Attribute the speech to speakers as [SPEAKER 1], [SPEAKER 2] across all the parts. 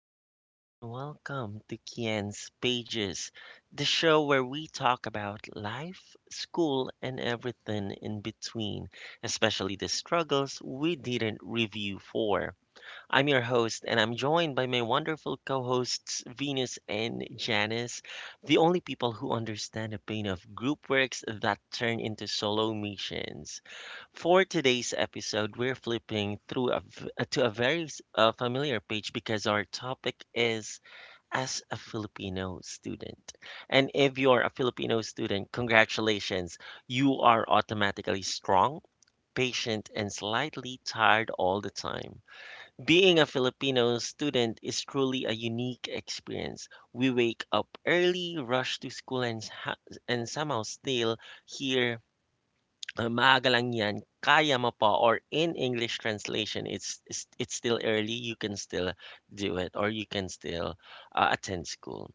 [SPEAKER 1] everyone, and welcome to Kian's Pages, the show where we talk about life, school, and everything in between, especially the struggles we didn't review for. I'm your host, and I'm joined by my wonderful co hosts, Venus and Janice, the only people who understand the pain of group works that turn into solo missions. For today's episode, we're flipping through a v to a very s- familiar page because our topic is as a Filipino student. And if you're a Filipino student, congratulations, you are automatically strong, patient, and slightly tired all the time. Being a Filipino student is truly a unique experience. We wake up early, rush to school, and, and somehow still hear maaga lang yan, kaya mo pa, or in English translation, it's still early, you can still do it, or you can still attend school.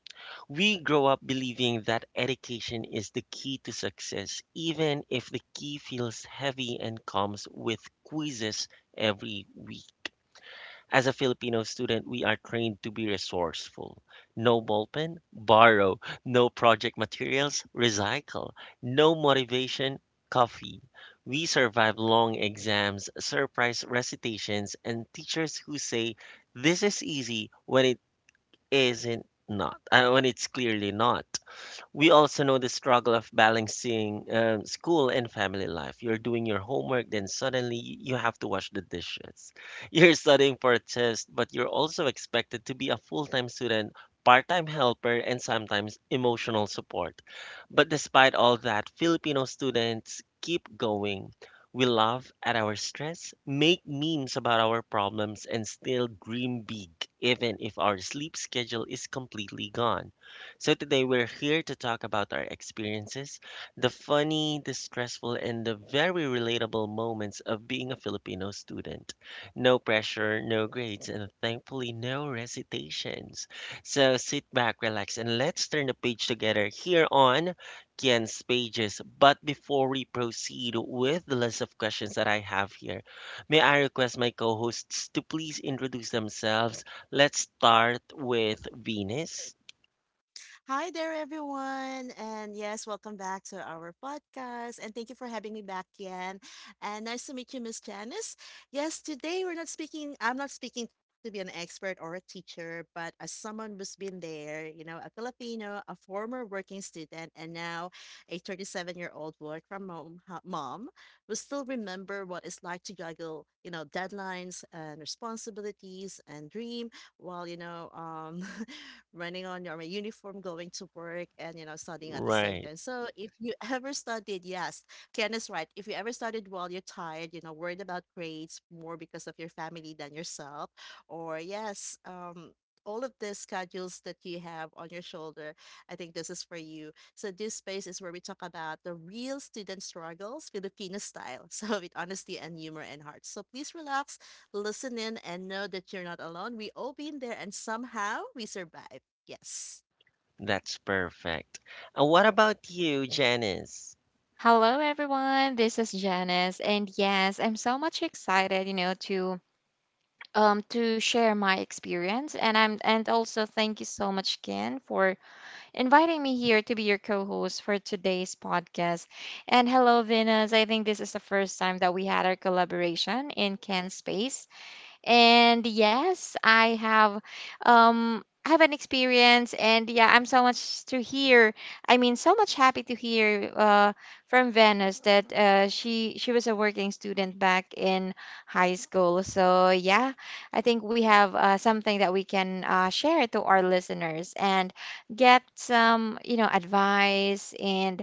[SPEAKER 1] We grow up believing that education is the key to success, even if the key feels heavy and comes with quizzes every week. As a Filipino student, we are trained to be resourceful. No ballpen, borrow. No project materials, recycle. No motivation, coffee. We survive long exams, surprise recitations, and teachers who say, this is easy when it isn't not, when it's clearly not. We also know the struggle of balancing school and family life. You're doing your homework, then suddenly you have to wash the dishes. You're studying for a test, but you're also expected to be a full time student, part time helper, and sometimes emotional support. But despite all that, Filipino students keep going. We laugh at our stress, make memes about our problems, and still dream big, even if our sleep schedule is completely gone. So today we're here to talk about our experiences, the funny, the stressful, and the very relatable moments of being a Filipino student. No pressure, no grades, and thankfully no recitations. So sit back, relax, and let's turn the page together here on Kian's Pages. But before we proceed with the list of questions that I have here, may I request my co-hosts to please introduce themselves? Let's start with Venus.
[SPEAKER 2] Hi there, everyone. And yes, welcome back to our podcast. And thank you for having me back again. And nice to meet you, Miss Janice. Yes, today we're not speaking, I'm not speaking to be an expert or a teacher, but as someone who's been there, you know, a Filipino, a former working student, and now a 37-year-old year old work from home mom who still remember what it's like to juggle, you know, deadlines and responsibilities and dream while, running on your uniform, going to work, and you know, studying at the same
[SPEAKER 1] Right.
[SPEAKER 2] time. So if you ever studied, yes, Ken is right. If you ever studied while you're tired, you know, worried about grades more because of your family than yourself, or yes, all of the schedules that you have on your shoulder, I think this is for you. So this space is where we talk about the real student struggles, Filipino style. So with honesty and humor and heart. So please relax listen in, and know that you're not alone. We all been there, and somehow we survive. Yes.
[SPEAKER 1] That's perfect. And what about you, Janice?
[SPEAKER 3] Hello, everyone. This is Janice, and yes, I'm so much excited, to share my experience, and I'm and also thank you so much, Ken, for inviting me here to be your co-host for today's podcast. And hello, Venus. I think this is the first time that we had our collaboration in Ken's space, and yes, I have I have an experience, and yeah I'm so much to hear I mean so much happy to hear from Venice that she was a working student back in high school. So yeah, I think we have something that we can share to our listeners and get some, you know, advice, and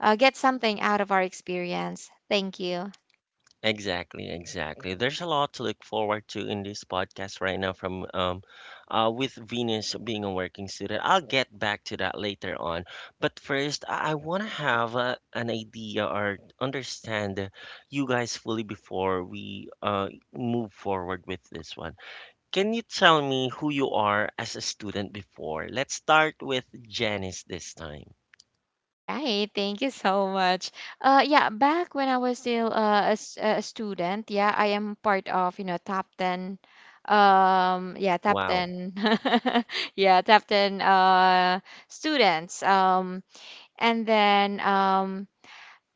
[SPEAKER 3] get something out of our experience. Thank you.
[SPEAKER 1] Exactly, exactly. There's a lot to look forward to in this podcast right now from with Venus being a working student. I'll get back to that later on. But first, I want to have an idea or understand you guys fully before we move forward with this one. Can you tell me who you are as a student before? Let's start with Janice this time.
[SPEAKER 3] All right, thank you so much. Yeah, back when I was still a student, yeah, I am part of, you know, top ten, yeah, top
[SPEAKER 1] Wow.
[SPEAKER 3] ten, yeah, top ten students. And then,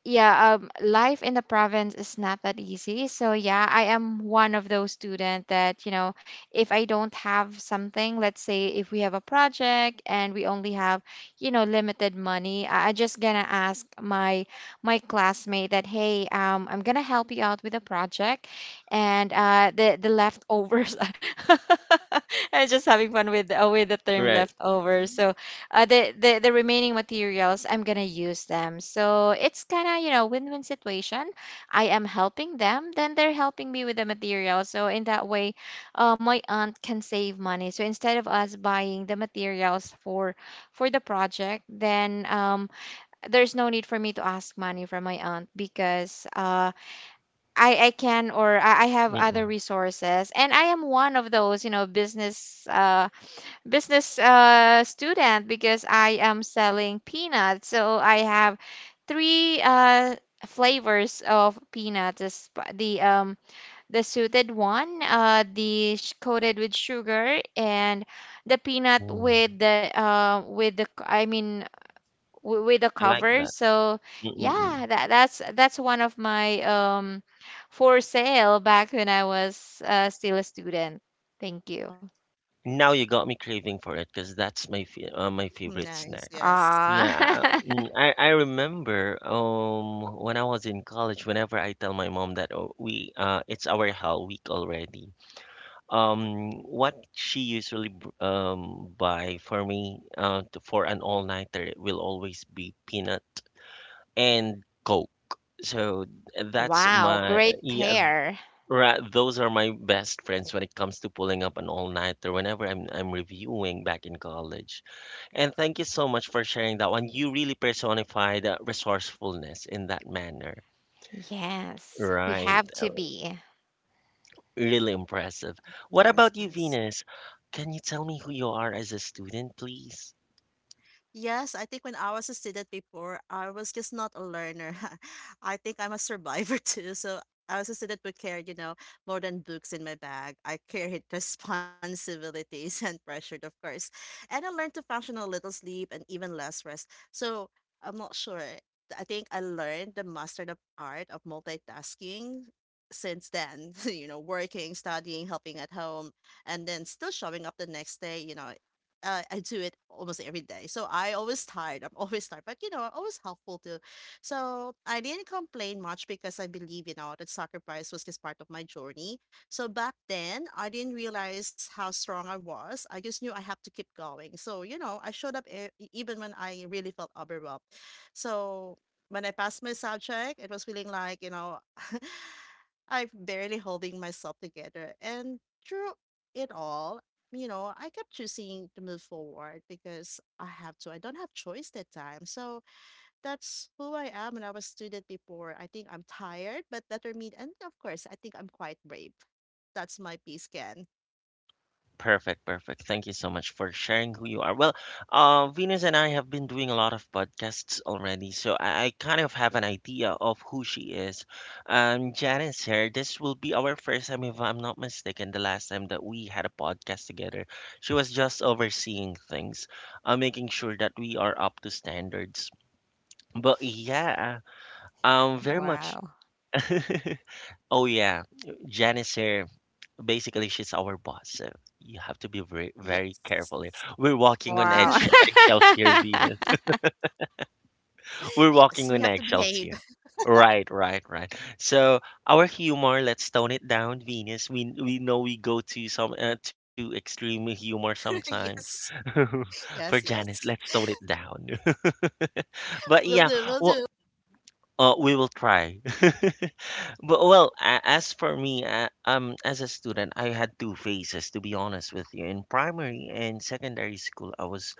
[SPEAKER 3] yeah, life in the province is not that easy, so yeah, I am one of those students that, you know, if I don't have something, let's say if we have a project and we only have, you know, limited money, I just gonna ask my classmate that, hey, I'm gonna help you out with a project, and the leftovers. I'm just having fun with the term
[SPEAKER 1] Right.
[SPEAKER 3] leftovers.
[SPEAKER 2] Mhm.
[SPEAKER 3] So the remaining materials I'm gonna use them, so it's kind of, you know, win-win situation. I am helping them, then they're helping me with the material, so in that way, my aunt can save money. So instead of us buying the materials for the project, then, there's no need for me to ask money from my aunt because, I can, or I have other
[SPEAKER 1] Mm,
[SPEAKER 3] resources. And I am one of those, you know, business student because I am selling peanuts. So I have three flavors of peanuts: the the suited one, coated with sugar, and the peanut with
[SPEAKER 1] mm.
[SPEAKER 3] the I mean with the
[SPEAKER 1] I like
[SPEAKER 3] cover.
[SPEAKER 1] that.
[SPEAKER 3] So
[SPEAKER 1] Mm, mm, mm.
[SPEAKER 3] yeah, that's one of my, for sale back when I was still a student. Thank you.
[SPEAKER 1] Now you got me craving for it because that's my fa my favorite
[SPEAKER 2] Nice,
[SPEAKER 1] snack.
[SPEAKER 2] yes.
[SPEAKER 3] Ah.
[SPEAKER 1] Yeah, mm, I remember when I was in college, whenever I tell my mom that oh, we it's our hell week already. What she usually buy for me for an all-nighter will always be peanut and Coke. So that's
[SPEAKER 3] Wow,
[SPEAKER 1] my
[SPEAKER 3] great
[SPEAKER 1] yeah.
[SPEAKER 3] pair.
[SPEAKER 1] Right, those are my best friends when it comes to pulling up an all-nighter whenever I'm reviewing back in college. And thank you so much for sharing that one. You really personified resourcefulness in that manner.
[SPEAKER 3] Yes, we
[SPEAKER 1] Right.
[SPEAKER 3] have to be.
[SPEAKER 1] Really impressive. What about
[SPEAKER 2] Nice,
[SPEAKER 1] you,
[SPEAKER 2] nice.
[SPEAKER 1] Venus? Can you tell me who you are as a student, please?
[SPEAKER 2] Yes, I think when I was a student before, I was just not a learner. I think I'm a survivor too. So I was a student who carried, you know, more than books in my bag. I carried responsibilities and pressured, of course. And I learned to function on little sleep and even less rest. So I'm not sure. I think I learned the master the art of multitasking since then, you know, working, studying, helping at home, and then still showing up the next day, I do it almost every day. I'm always tired, but you know, I'm always helpful too. So I didn't complain much because I believe, you know, that sacrifice was just part of my journey. So back then, I didn't realize how strong I was. I just knew I have to keep going. So, you know, I showed up even when I really felt overwhelmed. So when I passed my subject, it was feeling like, you know, I'm barely holding myself together. And through it all, you know, I kept choosing to move forward because I have to. I don't have choice that time. So that's who I am when I was student before. I think I'm tired, but determined, and of course, I think I'm quite brave. That's my P scan.
[SPEAKER 1] Perfect, perfect. Thank you so much for sharing who you are. Well, Venus and I have been doing a lot of podcasts already, so I kind of have an idea of who she is. Janice here. This will be our first time, if I'm not mistaken, the last time that we had a podcast together. She was just overseeing things, making sure that we are up to standards. But yeah, very much.
[SPEAKER 3] Wow.
[SPEAKER 1] Oh yeah, Janice here basically she's our boss, so you have to be very very
[SPEAKER 2] Yes.
[SPEAKER 1] careful here. We're walking on
[SPEAKER 3] Wow.
[SPEAKER 1] edge eggshells here, Venus. We're
[SPEAKER 2] Yes,
[SPEAKER 1] walking
[SPEAKER 2] we
[SPEAKER 1] on
[SPEAKER 2] have to
[SPEAKER 1] eggshells
[SPEAKER 2] behave.
[SPEAKER 1] here. Right, right, right. So our humor, let's tone it down, Venus. We know we go to some to extreme humor sometimes.
[SPEAKER 2] Yes.
[SPEAKER 1] For
[SPEAKER 2] Yes,
[SPEAKER 1] Janice,
[SPEAKER 2] yes.
[SPEAKER 1] let's tone it down. But
[SPEAKER 2] We'll
[SPEAKER 1] yeah,
[SPEAKER 2] do, we'll
[SPEAKER 1] well,
[SPEAKER 2] do.
[SPEAKER 1] we will try. But, well, as for me, as a student, I had two phases, to be honest with you. In primary and secondary school, I was,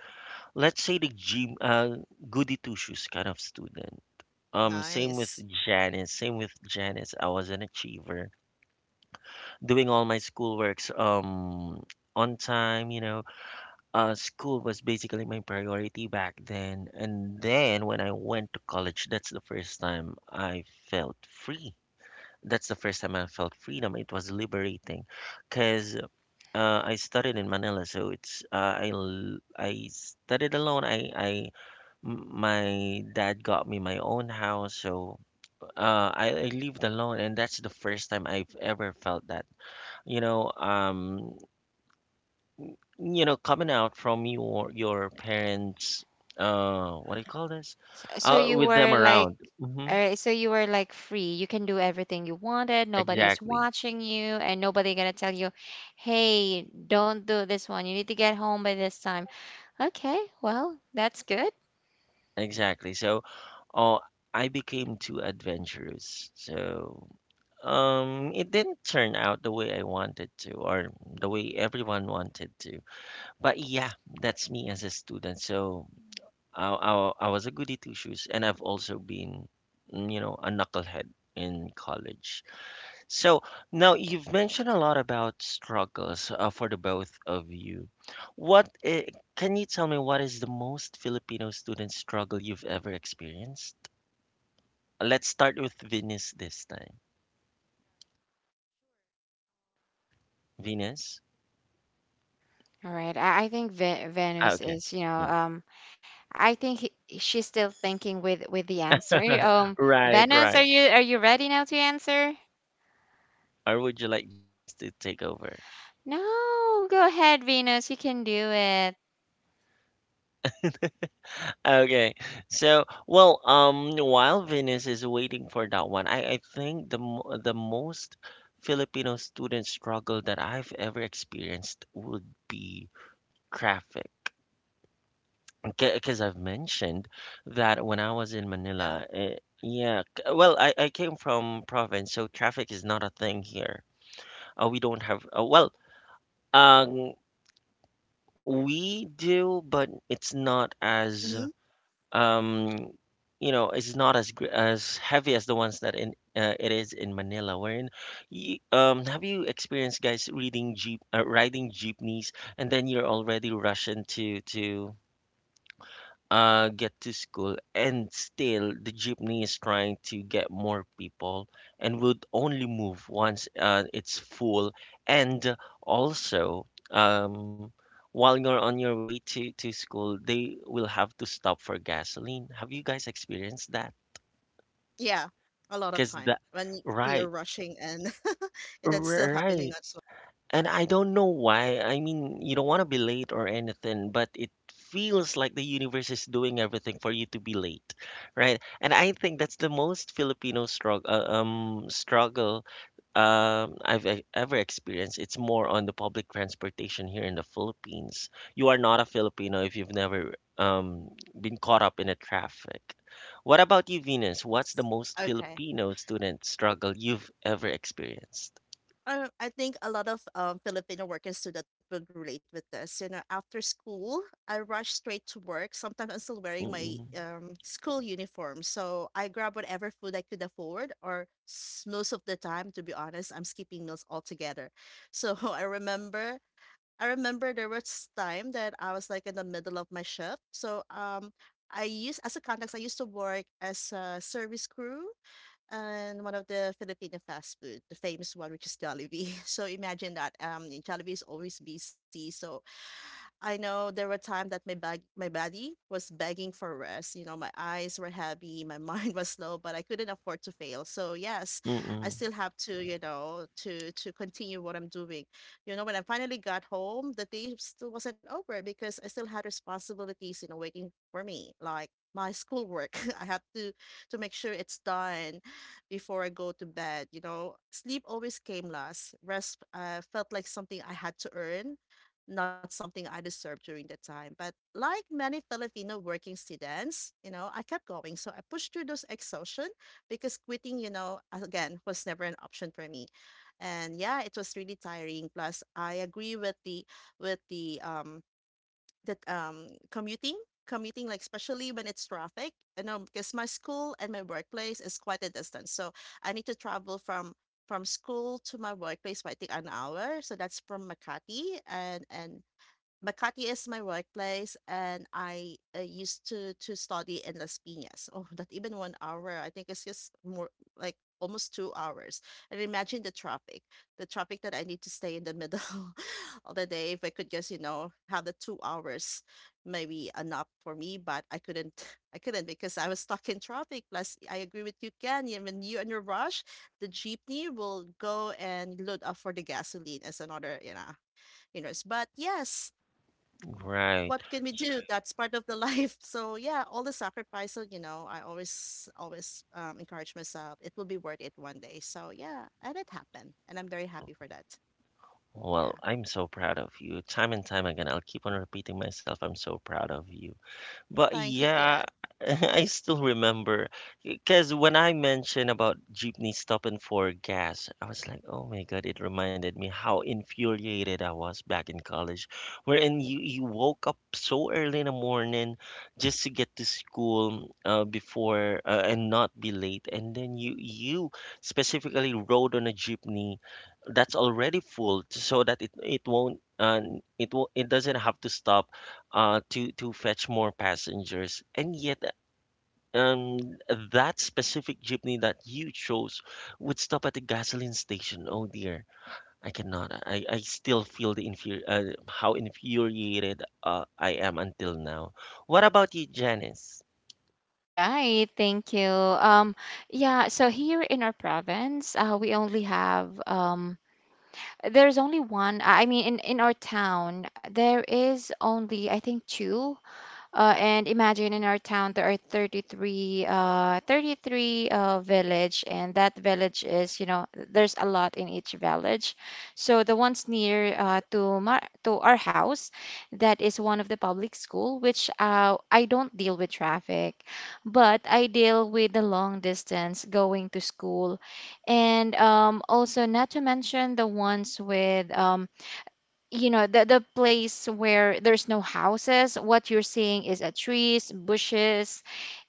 [SPEAKER 1] let's say, goody two shoes kind of student. Same with
[SPEAKER 2] Nice.
[SPEAKER 1] Janice. Same with Janice. I was an achiever, doing all my schoolworks on time. You know, school was basically my priority back then. And then when I went to college, that's the first time I felt freedom. It was liberating, cause I studied in Manila, so I studied alone. My dad got me my own house, so I lived alone, and that's the first time I've ever felt that. You know, coming out from your parents, what do you call this?
[SPEAKER 3] So you
[SPEAKER 1] With them
[SPEAKER 3] were like,
[SPEAKER 1] around. Hmm.
[SPEAKER 3] so you were like free. You can do everything you wanted. Nobody's
[SPEAKER 1] Exactly.
[SPEAKER 3] watching you, and nobody gonna tell you, "Hey, don't do this one. You need to get home by this time." Okay, well, that's good.
[SPEAKER 1] Exactly. So, oh, I became too adventurous. So, it didn't turn out the way I wanted to, or the way everyone wanted to. But yeah, that's me as a student. So, I was a goody two shoes, and I've also been, a knucklehead in college. So now you've mentioned a lot about struggles for the both of you. What can you tell me what is the most Filipino student struggle you've ever experienced? Let's start with Venus this time. Venus?
[SPEAKER 3] All right. I think Ve
[SPEAKER 1] Ah,
[SPEAKER 3] Venus
[SPEAKER 1] okay.
[SPEAKER 3] is, you know,
[SPEAKER 1] Yeah.
[SPEAKER 3] I think she's still thinking with the answer.
[SPEAKER 1] Right,
[SPEAKER 3] Venus, are
[SPEAKER 1] right.
[SPEAKER 3] you ready now to answer?
[SPEAKER 1] Or would you like Janice to take over?
[SPEAKER 3] No, go ahead, Venus. You can do it.
[SPEAKER 1] Okay. So, well, while Venus is waiting for that one, I think the most Filipino student struggle that I've ever experienced would be traffic. Because I've mentioned that when I was in
[SPEAKER 2] Yeah.
[SPEAKER 1] Manila, eh, yeah, well, I came from province, so traffic is not a thing here. We don't have, well, um, we do, but it's not as,
[SPEAKER 2] Hmm.
[SPEAKER 1] um, you know, it's not as heavy as the ones that in it is in Manila. Wherein, you, have you experienced guys riding jeepneys, and then you're already rushing to get to school, and still the jeepney is trying to get more people and would only move once it's full. And also, while you're on your way to school, they will have to stop for gasoline. Have you guys experienced that?
[SPEAKER 2] Yeah. A lot of
[SPEAKER 1] Because
[SPEAKER 2] time
[SPEAKER 1] that,
[SPEAKER 2] when you're
[SPEAKER 1] right,
[SPEAKER 2] rushing and that's still happening
[SPEAKER 1] right.
[SPEAKER 2] as well.
[SPEAKER 1] And I don't know why. I mean, you don't want to be late or anything, but it feels like the universe is doing everything for you to be late, right? And I think that's the most Filipino struggle I've ever experienced. It's more on the public transportation here in the Philippines. You are not a Filipino if you've never been caught up in a traffic. What about you, Venus? What's the
[SPEAKER 2] Yes.
[SPEAKER 1] most
[SPEAKER 2] Okay.
[SPEAKER 1] Filipino student struggle you've ever experienced?
[SPEAKER 2] I think a lot of Filipino working student would relate with this. You know, after school, I rush straight to work. Sometimes I'm still wearing my
[SPEAKER 1] Mm-mm.
[SPEAKER 2] school uniform, so I grab whatever food I could afford, most of the time, to be honest, I'm skipping meals altogether. So I remember there was time that I was like in the middle of my shift. I used as a context, I used to work as a service crew and one of the Filipino fast food, the famous one, which is Jollibee. So imagine that Jollibee is always busy. So I know there were times that my body was begging for rest. You know, my eyes were heavy, my mind was slow, but I couldn't afford to fail. So yes, I
[SPEAKER 1] Mm-mm.
[SPEAKER 2] still have to, you know, to continue what I'm doing. You know, when I finally got home, the day still wasn't over because I still had responsibilities, you know, waiting for me, like my schoolwork. I have to make sure it's done before I go to bed. You know, sleep always came last. Rest felt like something I had to earn not something I deserved during the time. But like many Filipino working students, you know, I kept going. So I pushed through those exhaustion because quitting, you know, again, was never an option for me. And yeah, it was really tiring. Plus, I agree with the with the um that commuting commuting like especially when it's traffic you know because my school and my workplace is quite a distance so I need to travel from school to my workplace by I think an hour. So that's from Makati and Makati is my workplace, and I used to study in Las Piñas. Oh, not even 1 hour. I think it's just more like almost 2 hours. And imagine the traffic that I need to stay in the middle of the day. If I could just, you know, have the 2 hours, maybe enough for me, but I couldn't. I couldn't because I was stuck in traffic. Plus, I agree with you, Ken. Yeah, when you're in a rush, the jeepney will go and load up for the gasoline as another, you know. But yes
[SPEAKER 1] Right.
[SPEAKER 2] what can we do? That's part of the life. So yeah, all the sacrifice. So you know, I always always encourage myself. It will be worth it one day. So yeah, and it happened, and I'm very happy for that.
[SPEAKER 1] Well,
[SPEAKER 2] Yeah,
[SPEAKER 1] I'm so proud of you. Time and time again, I'll keep on repeating myself, I'm so proud of you. But
[SPEAKER 2] thank you,
[SPEAKER 1] yeah,
[SPEAKER 2] Kat.
[SPEAKER 1] I still remember because when I mentioned about jeepney stop and for gas, I was like, oh my God, it reminded me how infuriated I was back in college, wherein you woke up so early in the morning just to get to school before and not be late. And then you specifically rode on a jeepney that's already full so that it won't. And it will, it doesn't have to stop to fetch more passengers. And yet, um, that specific jeepney that you chose would stop at the gasoline station. Oh dear, I cannot. I still feel how infuriated I am until now. What about you, Janice?
[SPEAKER 3] All right, thank you. Yeah, so here in our province, we only have, there's only one. I mean, in our town, there is only, I think, two. And imagine, in our town there are 33 33 village, and that village is, you know, there's a lot in each village. So the ones near to to our house, that is one of the public school, which I don't deal with traffic, but I deal with the long distance going to school. And also, not to mention the ones with, you know, the place where there's no houses, what you're seeing is a trees, bushes.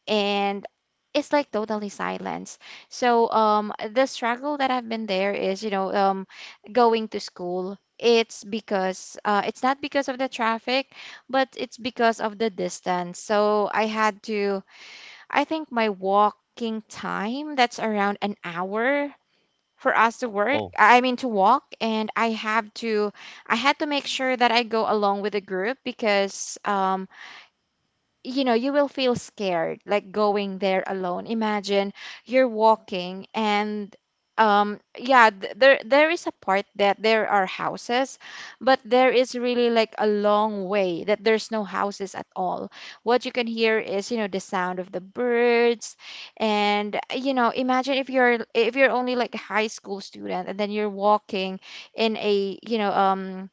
[SPEAKER 3] And it's like totally silence. So the struggle that I've been there is, you know, going to school. It's because, it's not because of the traffic, but it's because of the distance. So I had to I think my walking time that's around an hour for us to work
[SPEAKER 1] Oh,
[SPEAKER 3] I mean to walk. And I had to make sure that I go along with the group because, you know, you will feel scared like going there alone. Imagine you're walking, and yeah, there is a part that there are houses, but there is really like a long way that there's no houses at all. What you can hear is, you know, the sound of the birds. And you know, imagine if you're, if you're only like a high school student, and then you're walking in a, you know,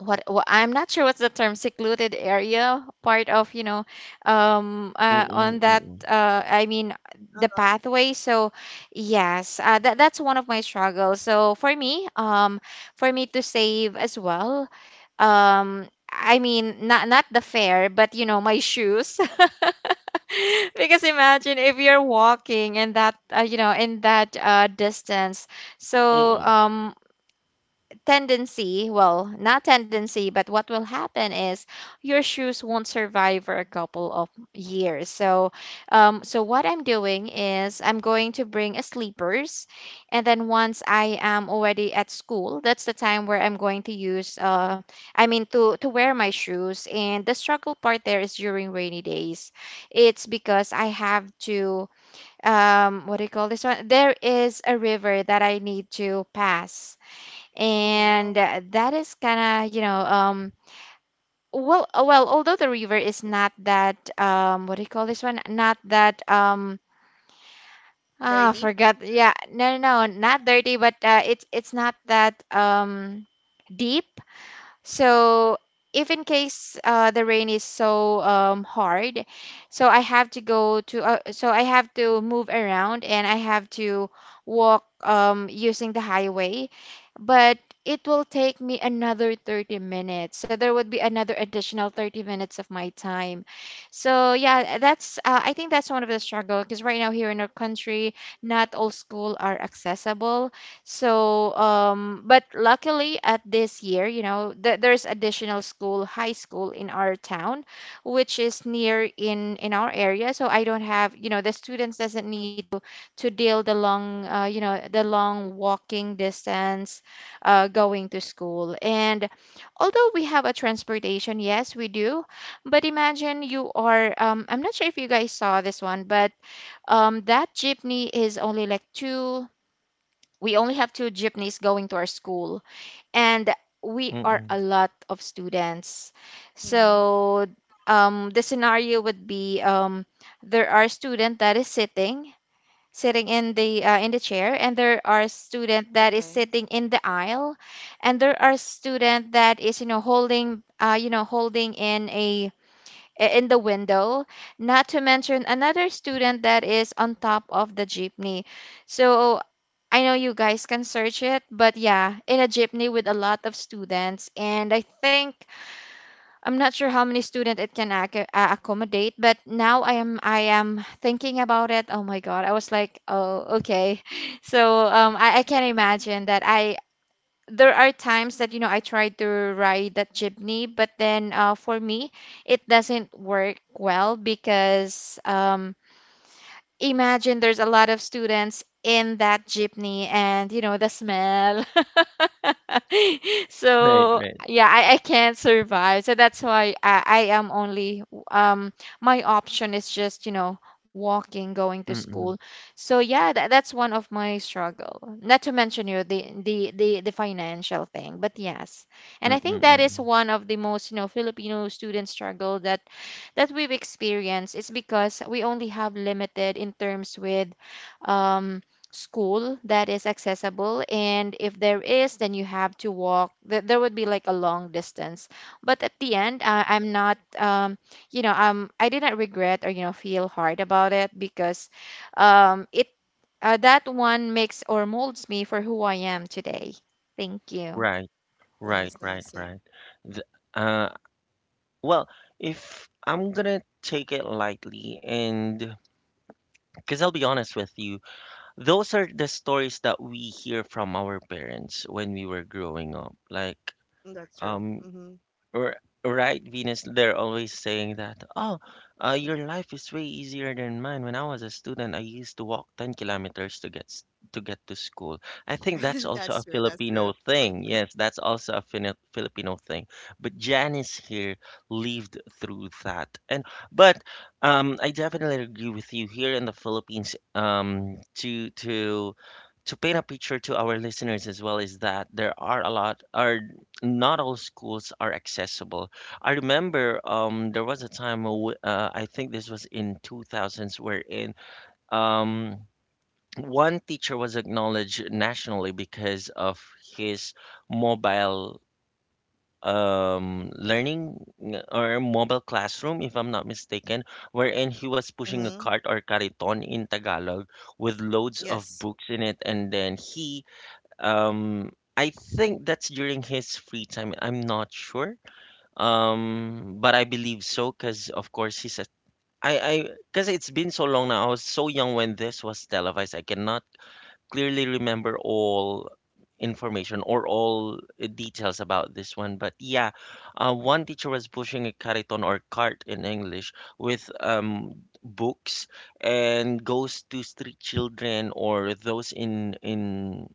[SPEAKER 3] what, I'm not sure what's the term, secluded area, part of, you know,
[SPEAKER 1] mm-mm,
[SPEAKER 3] on that
[SPEAKER 1] mm-mm,
[SPEAKER 3] I mean the
[SPEAKER 2] Uh-huh.
[SPEAKER 3] pathway. So yes, that that's one of my struggles. So for me, for me to save as well, I mean, not not the fare, but you know, my shoes. Because imagine if you're walking in that, you know, in that distance. So
[SPEAKER 1] mm-mm,
[SPEAKER 3] tendency well not tendency but what will happen is your shoes won't survive for a couple of years. So so what I'm doing is I'm going to bring a sleepers, and then once I am already at school, that's the time where I'm going to use I mean to wear my shoes. And the struggle part there is during rainy days. It's because I have to, what do you call this one, there is a river that I need to pass.
[SPEAKER 2] Oh
[SPEAKER 3] And
[SPEAKER 2] wow,
[SPEAKER 3] that is kind of, you know, well, although the river is not that, what do you call this one, not that,
[SPEAKER 2] very
[SPEAKER 3] ah
[SPEAKER 2] deep.
[SPEAKER 3] forgot yeah no no no, not dirty, but it's not that, deep. So if in case, the rain is so, hard, so I have to go to, so I have to move around, and I have to walk, using the highway, but it will take me another 30 minutes. So there would be another additional 30 minutes of my time. So yeah, that's I think that's one of the struggle. Because right now here in our country, not all school are accessible. So, but luckily at this year, you know, there's additional school, high school in our town, which is near in our area. So I don't have, you know, the students doesn't need to deal the long, you know, the long walking distance, going to school. And although we have a transportation, yes, we do. But imagine you are, I'm not sure if you guys saw this one, but, that jeepney is only like two. We only have two jeepneys going to our school, and we are
[SPEAKER 1] mm-mm.
[SPEAKER 3] a lot of students.
[SPEAKER 2] Mm-hmm.
[SPEAKER 3] So, the scenario would be, there are student that is sitting in the chair, and there are student that is
[SPEAKER 2] Okay.
[SPEAKER 3] sitting in the aisle, and there are student that is, you know, holding, in a, in the window, not to mention another student that is on top of the jeepney. So I know you guys can search it, but yeah, in a jeepney with a lot of students. And I think I'm not sure how many student it can accommodate, but now I am thinking about it. Oh my god, I was like, oh okay. So, I can imagine that I, there are times that, you know, I try to ride that jeepney, but then, for me, it doesn't work well because, imagine there's a lot of students in that jeepney, and you know, the smell.
[SPEAKER 1] Right,
[SPEAKER 3] So
[SPEAKER 1] right.
[SPEAKER 3] yeah, I can't survive. So that's why, I am only, um my option is just, you know, walking going to school.
[SPEAKER 1] Mm-mm,
[SPEAKER 3] So yeah, that, that's one of my struggle, not to mention, you know, the, the financial thing. But yes, and I
[SPEAKER 1] mm-mm,
[SPEAKER 3] think that
[SPEAKER 1] mm-mm.
[SPEAKER 3] is one of the most, you know, Filipino student struggle that we've experienced. Is because we only have limited in terms with, um, school that is accessible, and if there is, then you have to walk. There would be like a long distance. But at the end, I'm not, I didn't regret or, you know, feel hard about it because, it that one makes or molds me for who I am today. Thank you.
[SPEAKER 1] Right, right,
[SPEAKER 2] Nice,
[SPEAKER 1] right,
[SPEAKER 2] nice. Yeah,
[SPEAKER 1] right. The, uh, well, if I'm gonna take it lightly and because I'll be honest with you, those are the stories that we hear from our parents when we were growing up. Like,
[SPEAKER 2] mm, that's true.
[SPEAKER 1] um,
[SPEAKER 2] Mm-hmm.
[SPEAKER 1] R- right, Venus, they're always saying that, oh, your life is way easier than mine. When I was a student, I used to walk 10 kilometers to get to get to school. I think that's also
[SPEAKER 2] That's
[SPEAKER 1] a
[SPEAKER 2] true. That's true.
[SPEAKER 1] Filipino thing. Yes, that's also a Filipino thing. But Janice here lived through that. And but I definitely agree with you here in the Philippines to paint a picture to our listeners as well is that there are a lot or not all schools are accessible. I remember there was a time, I think this was in 2000s, wherein um, one teacher was acknowledged nationally because of his mobile learning or mobile classroom, if I'm not mistaken, wherein he was pushing a
[SPEAKER 2] Mm-hmm.
[SPEAKER 1] cart or cariton in Tagalog with loads of
[SPEAKER 2] Yes.
[SPEAKER 1] books in it, and then he I think that's during his free time. I'm not sure. But I believe so because, of course, he said I because it's been so long now. I was so young when this was televised. I cannot clearly remember all information or all details about this one. But yeah, one teacher was pushing a cariton or cart in English with books and goes to street children or those in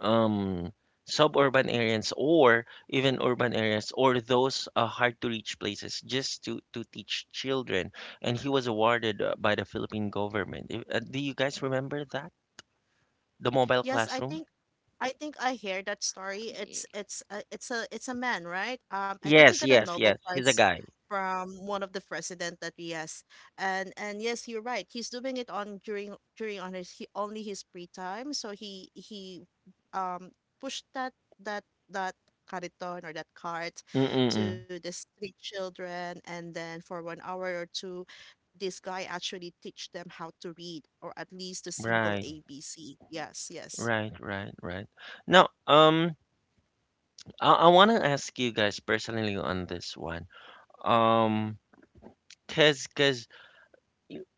[SPEAKER 1] um suburban areas or even urban areas or those hard to reach places just to teach children and he was awarded by the Philippine government. Do you guys remember that? The mobile
[SPEAKER 2] Yes,
[SPEAKER 1] classroom?
[SPEAKER 2] I think I hear that story. It's
[SPEAKER 3] Y-
[SPEAKER 2] it's a man, right? I think he
[SPEAKER 1] Yes,
[SPEAKER 2] got a
[SPEAKER 1] yes,
[SPEAKER 2] Nobel
[SPEAKER 1] yes. He's a
[SPEAKER 2] Prize
[SPEAKER 1] guy.
[SPEAKER 2] from one of the president that we has, and yes, you're right. He's doing it on during during on his only his free time. So he um pushed that that cariton or that cart
[SPEAKER 1] Mm-mm-mm.
[SPEAKER 2] to the street children, and then for 1 hour or two, this guy actually teach them how to read or at least the simple
[SPEAKER 1] Right,
[SPEAKER 2] ABC. Yes, yes.
[SPEAKER 1] right, right, right. Now, I want to ask you guys personally on this one. Um, cause, cause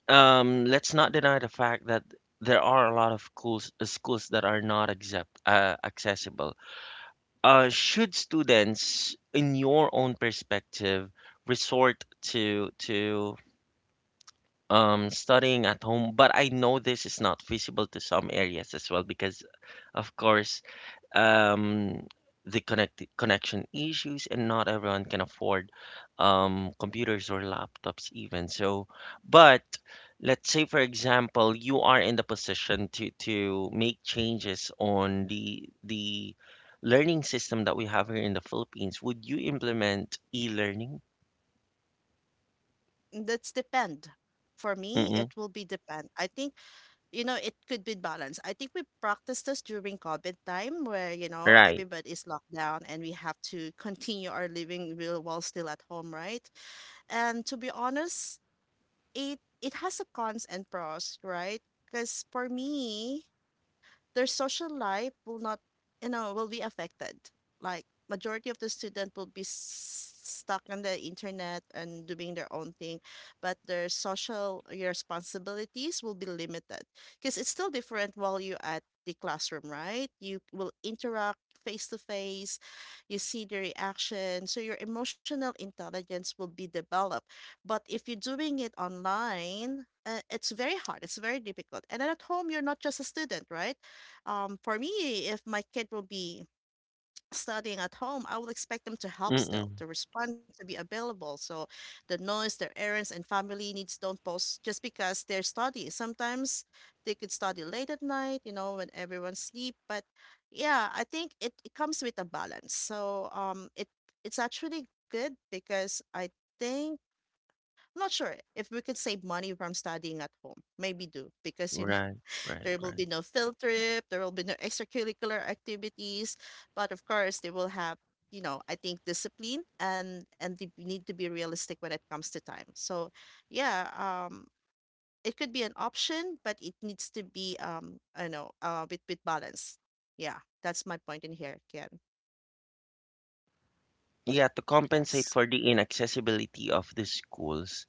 [SPEAKER 1] Let's not deny the fact that there are a lot of schools that are not accept, accessible. Should students, in your own perspective, resort to studying at home? But I know this is not feasible to some areas as well because, of course, um, the connection issues, and not everyone can afford computers or laptops even. So, but let's say for example, you are in the position to make changes on the learning system that we have here in the Philippines. Would you implement e-learning?
[SPEAKER 2] That's depend. For me,
[SPEAKER 1] Mm-mm.
[SPEAKER 2] it will be depend. I think, you know, it could be balanced. I think we practiced this during COVID time where, you know,
[SPEAKER 1] Right.
[SPEAKER 2] everybody is locked down and we have to continue our living real while still at home, right? And to be honest, it has a cons and pros, right? Because for me, their social life will not, you know, will be affected. Like majority of the student will be stuck on the internet and doing their own thing, but their social responsibilities will be limited because it's still different while you're at the classroom, right? You will interact face to face, you see the reaction, so your emotional intelligence will be developed. But if you're doing it online, it's very hard. It's very difficult. And then at home, you're not just a student, right? For me, if my kid will be studying at home, I will expect them to help
[SPEAKER 1] Mm-mm.
[SPEAKER 2] still, to respond, to be available. So the noise, their errands, and family needs don't pause just because they're studying. Sometimes they could study late at night, you know, when everyone's sleep. But yeah, I think it comes with a balance. It's actually good because think I'm not sure if we could save money from studying at home. Maybe do because you know
[SPEAKER 1] Right. Right.
[SPEAKER 2] there will
[SPEAKER 1] Right.
[SPEAKER 2] be no field trip. There will be no extracurricular activities. But of course, they will have, you know, I think discipline and they need to be realistic when it comes to time. So, yeah, it could be an option, but it needs to be, I know, with balance. Yeah, that's my point in here, Ken.
[SPEAKER 1] Yeah, to compensate
[SPEAKER 2] Yes.
[SPEAKER 1] for the inaccessibility of the schools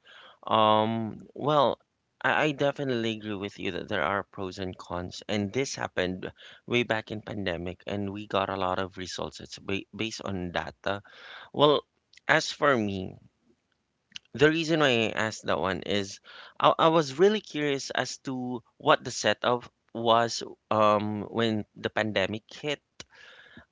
[SPEAKER 1] well, I definitely agree with you that there are pros and cons and this happened way back in pandemic and we got a lot of results, it's based on data. Well, as for me, the reason why I asked that one is I was really curious as to what the setup was when the pandemic hit.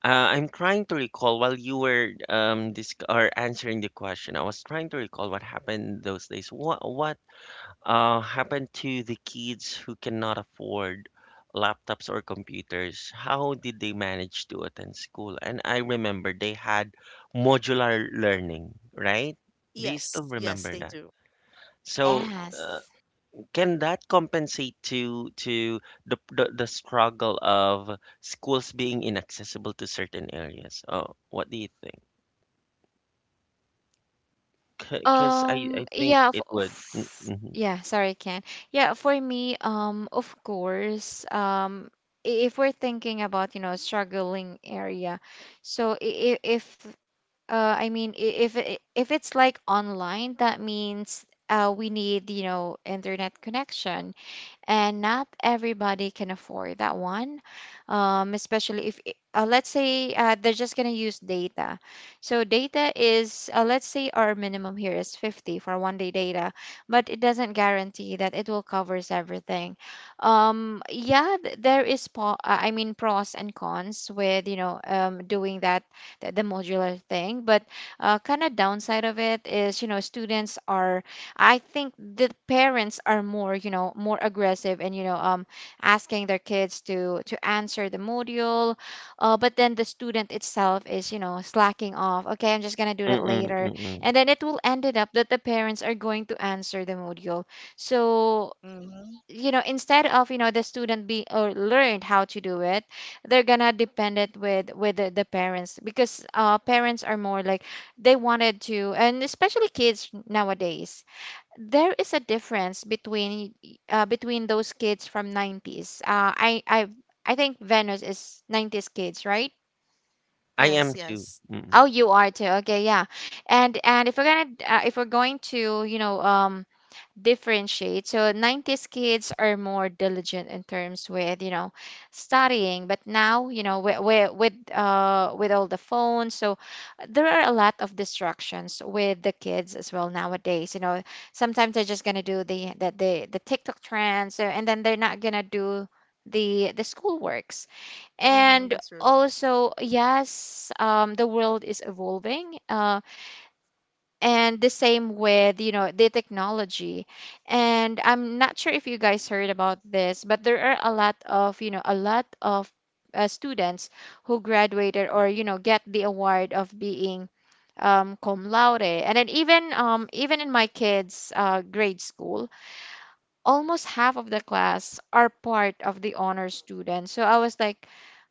[SPEAKER 1] I'm trying to recall while you were dis or answering the question. I was trying to recall what happened those days. What happened to the kids who cannot afford laptops or computers? How did they manage to attend school? And I remember they had modular learning, right? Do you still
[SPEAKER 2] Yes, yes,
[SPEAKER 1] remember
[SPEAKER 2] they
[SPEAKER 1] that?
[SPEAKER 2] do.
[SPEAKER 1] So
[SPEAKER 3] yes.
[SPEAKER 1] can that compensate to the the struggle of schools being inaccessible to certain areas? Oh, what do you think? Because I, I think
[SPEAKER 3] Yeah,
[SPEAKER 1] it would. Mm, mhm.
[SPEAKER 3] yeah, sorry, Ken. Yeah, for me, of course, if we're thinking about, you know, struggling area, so if, I mean, I- if it's like online, that means we need, you know, internet connection, and not everybody can afford that one, especially if I- let's say they're just going to use data. So data is, let's say, our minimum here is 50 for one day data, but it doesn't guarantee that it will covers everything. There is I mean, pros and cons with, you know, doing that, the modular thing. But kind of downside of it is, you know, students are, I think the parents are more, you know, more aggressive, and you know, asking their kids to answer the module. But then the student itself is, you know, slacking off. Okay, I'm just gonna do that
[SPEAKER 1] Mm-mm,
[SPEAKER 3] later,
[SPEAKER 1] mm-mm.
[SPEAKER 3] and then it will ended up that the parents are going to answer the module. So,
[SPEAKER 2] Mm-hmm.
[SPEAKER 3] you know, instead of, you know, the student be or learned how to do it, they're gonna depend it with the parents, because uh, parents are more like, they wanted to. And especially kids nowadays, there is a difference between between those kids from 90s. I think Venus is 90s kids, right?
[SPEAKER 1] I am
[SPEAKER 2] Yes,
[SPEAKER 1] too.
[SPEAKER 2] yes.
[SPEAKER 1] Mm-mm.
[SPEAKER 3] Oh, you are too. Okay, yeah. And if we're gonna if we're going to, you know, differentiate. So 90s kids are more diligent in terms with, you know, studying. But now, you know, with all the phones, so there are a lot of distractions with the kids as well nowadays. You know, sometimes they're just going to do the TikTok trends, and then they're not going to do the school works. And
[SPEAKER 2] Mm-hmm. That's true.
[SPEAKER 3] also, yes, the world is evolving, and the same with, you know, the technology. And I'm not sure if you guys heard about this, but there are a lot of, you know, a lot of students who graduated or, you know, get the award of being, cum laude. And then even, even in my kids grade school, almost half of the class are part of the honor students. So I was like,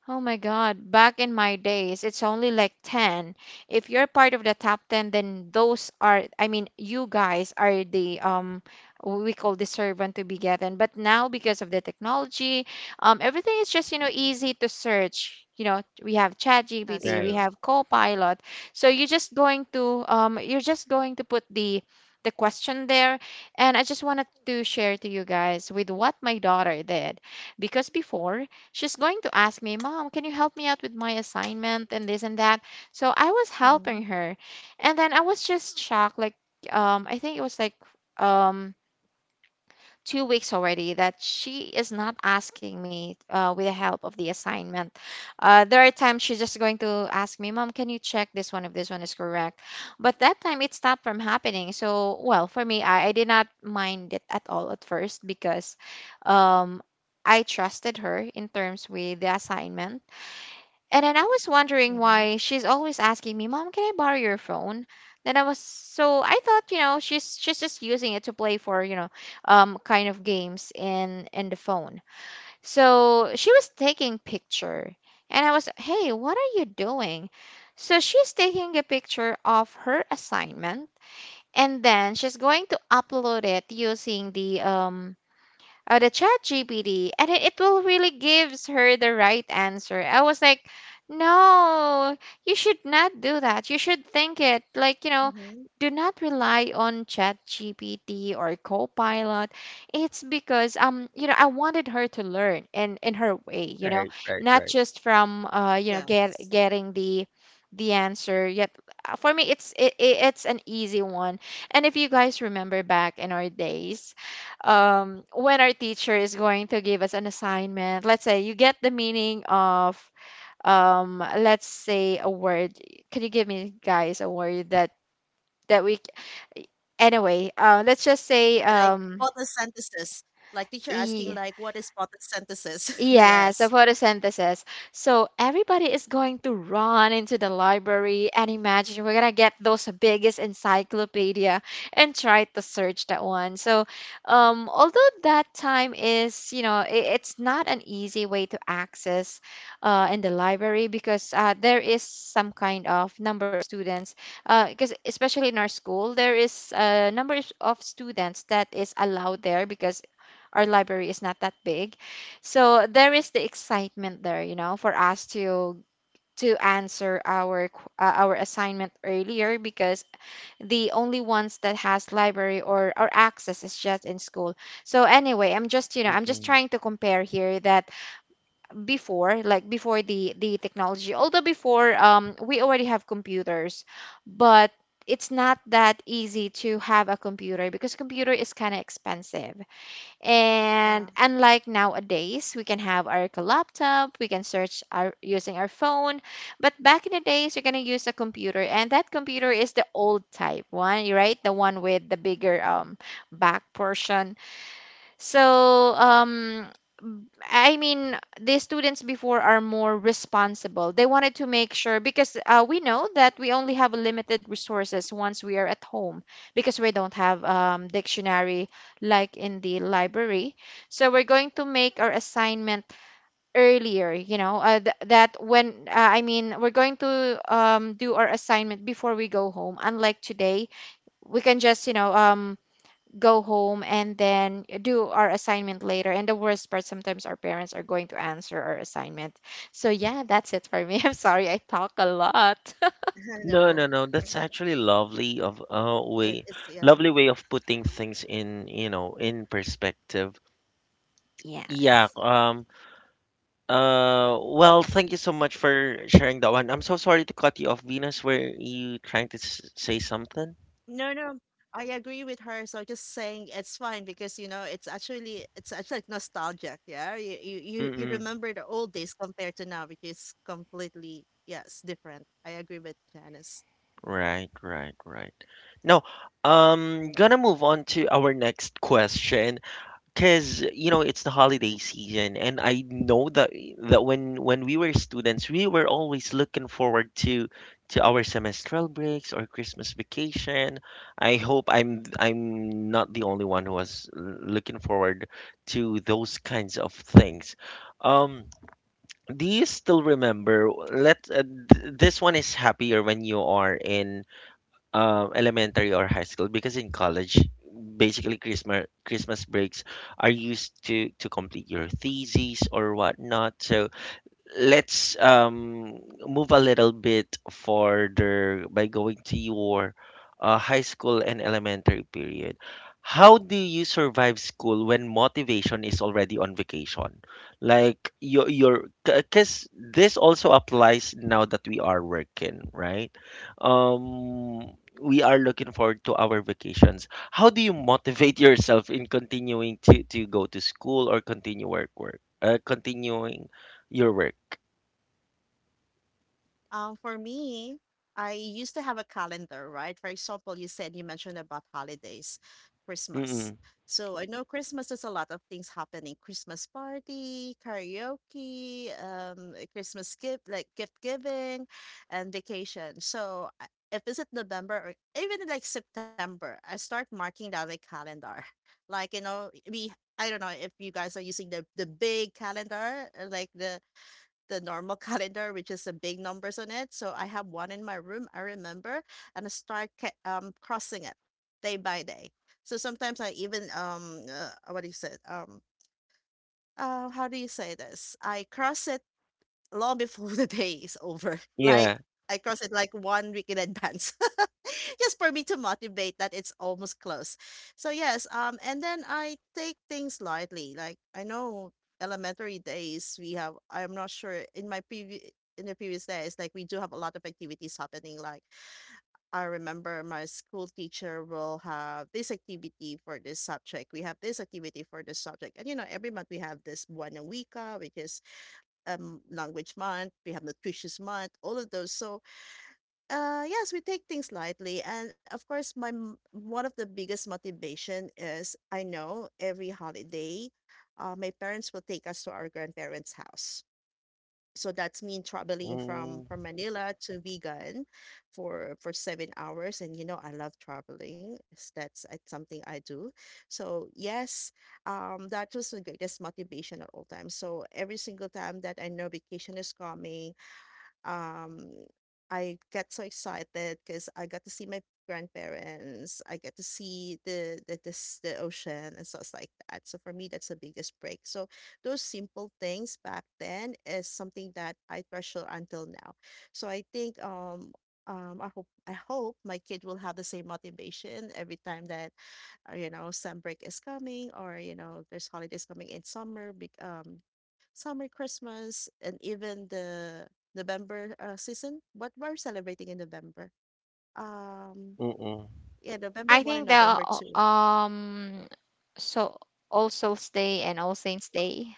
[SPEAKER 3] oh my God, back in my days, it's only like 10. If you're part of the top 10, then those are, I mean, you guys are the, we call the servant to be gotten. But now, because of the technology, everything is just, you know, easy to search. You know, we have ChatGPT,
[SPEAKER 2] That's
[SPEAKER 3] we
[SPEAKER 1] Right,
[SPEAKER 3] have
[SPEAKER 2] true.
[SPEAKER 3] Copilot. So you're just going to, you're just going to put the question there. And I just wanted to share to you guys with what my daughter did, because before, she's going to ask me, "Mom, can you help me out with my assignment and this and that?" So I was helping
[SPEAKER 2] Mm-hmm.
[SPEAKER 3] her. And then I was just shocked. Like, I think it was like, um, 2 weeks already that she is not asking me with the help of the assignment. There are times she's just going to ask me, "Mom, can you check this one if this one is correct?" But that time it stopped from happening. So, well, for me, I did not mind it at all at first, because um, I trusted her in terms with the assignment. And then I was wondering
[SPEAKER 2] Mm-hmm.
[SPEAKER 3] why she's always asking me, "Mom, can I borrow your phone?" Then I was, so I thought, you know, she's just using it to play for, you know, kind of games in the phone. So she was taking picture, and I was, "Hey, what are you doing?" So she's taking a picture of her assignment, and then she's going to upload it using the chat gpt, and it will really gives her the right answer. I was like, no, you should not do that. You should think it like, you know,
[SPEAKER 2] Mm-hmm.
[SPEAKER 3] do not rely on chat gpt or copilot. It's because, you know, I wanted her to learn in her way, you know,
[SPEAKER 1] right, right,
[SPEAKER 3] not
[SPEAKER 1] right.
[SPEAKER 3] just from, you know,
[SPEAKER 2] Yes.
[SPEAKER 3] getting the answer yet. For me, it's an easy one. And if you guys remember back in our days, when our teacher is going to give us an assignment. Let's say you get the meaning of, let's say a word. Can you give me guys a word that that we? Anyway, let's just say
[SPEAKER 2] And like photosynthesis. Like teacher
[SPEAKER 3] e,
[SPEAKER 2] asking like what is photosynthesis?
[SPEAKER 3] yes, the
[SPEAKER 2] Yes.
[SPEAKER 3] photosynthesis. So everybody is going to run into the library, and imagine we're gonna get those biggest encyclopedia and try to search that one. So, although that time is, you know, it's not an easy way to access, in the library, because there is some kind of number of students, because especially in our school, there is a number of students that is allowed there, because our library is not that big. So there is the excitement there, you know, for us to answer our our assignment earlier, because the only ones that has library or access is just in school. So anyway, I'm just, you know, I'm just
[SPEAKER 1] Mm-mm.
[SPEAKER 3] trying to compare here that before, like before the technology, although before, we already have computers, but it's not that easy to have a computer, because computer is kind of expensive. And
[SPEAKER 2] Yeah.
[SPEAKER 3] unlike nowadays, we can have our laptop, we can search our using our phone. But back in the days, you're gonna use a computer, and that computer is the old type one, right? The one with the bigger back portion. So, I mean, the students before are more responsible. They wanted to make sure, because we know that we only have limited resources once we are at home, because we don't have, dictionary like in the library. So we're going to make our assignment earlier. You know, that when I mean, we're going to, do our assignment before we go home. Unlike today, we can just, you know, go home and then do our assignment later. And the worst part, sometimes our parents are going to answer our assignment. So, yeah, that's it for me. I'm sorry, I talk a lot.
[SPEAKER 1] No,
[SPEAKER 2] I
[SPEAKER 1] no, no.
[SPEAKER 2] know.
[SPEAKER 1] That's actually lovely of way,
[SPEAKER 2] It's
[SPEAKER 1] lovely
[SPEAKER 2] yeah.
[SPEAKER 1] way of putting things in, you know, in perspective. Yeah.
[SPEAKER 3] Yes.
[SPEAKER 1] Well, thank you so much for sharing that one. I'm so sorry to cut you off, Venus. Were you trying to s say something?
[SPEAKER 2] No, no. I agree with her. So just saying it's fine because you know it's actually like nostalgic. Yeah, you
[SPEAKER 1] Mm-mm.
[SPEAKER 2] remember the old days compared to now, which is completely yes different. I agree with Janice.
[SPEAKER 1] Right, right, right. No, gonna move on to our next question. Because you know it's the holiday season, and I know that that when we were students, we were always looking forward to our semestral breaks or Christmas vacation. I hope I'm not the only one who was looking forward to those kinds of things. Um, do you still remember? This one is happier when you are in elementary or high school because in college basically Christmas breaks are used to complete your theses or whatnot. So let's move a little bit further by going to your high school and elementary period. How do you survive school when motivation is already on vacation? Like your because this also applies now that we are working, right? Um, we are looking forward to our vacations. How do you motivate yourself in continuing to go to school or continue work work continuing your work?
[SPEAKER 2] For me, I used to have a calendar, right? For example, you said you mentioned about holidays, Christmas.
[SPEAKER 1] Mm.
[SPEAKER 2] So I know Christmas is a lot of things happening. Christmas party, karaoke, Christmas gift like gift giving and vacation. So if it's at November or even like September, I start marking down my calendar. Like, you know, we I don't know if you guys are using the big calendar, like the normal calendar which is the big numbers on it. So I have one in my room, I remember, and I start crossing it day by day. So sometimes I even what do you say how do you say this? I cross it long before the day is over. Like
[SPEAKER 1] Yeah.
[SPEAKER 2] I cross it like 1 week in advance, just for me to motivate that it's almost close. So yes, and then I take things lightly. Like I know elementary days we have. I'm not sure in my previous in the previous days, like we do have a lot of activities happening. Like I remember my school teacher will have this activity for this subject. We have this activity for this subject, and you know every month we have this buena Wika, which is language month, we have nutritious month, all of those. So, yes, we take things lightly. And of course, one of the biggest motivation is I know every holiday, my parents will take us to our grandparents' house, so that's me traveling from
[SPEAKER 1] Mm.
[SPEAKER 2] from Manila to Vigan for 7 hours, and you know I love that's it's something I do. So yes, that was the greatest motivation at all times. So every single time that I know vacation is coming, um, I get so excited because I got to see my grandparents. I get to see the ocean and stuff like that. So for me, that's the biggest break. So those simple things back then is something that I treasure until now. So I hope my kid will have the same motivation every time that you know some break is coming, or you know there's holidays coming in summer. Big summer, Christmas, and even the November season. What we're celebrating in November? Um,
[SPEAKER 1] Mm-mm.
[SPEAKER 2] yeah, November
[SPEAKER 3] I
[SPEAKER 2] 1 and
[SPEAKER 3] think
[SPEAKER 2] November
[SPEAKER 3] the
[SPEAKER 2] 2.
[SPEAKER 3] um so All Souls Day and All Saints Day.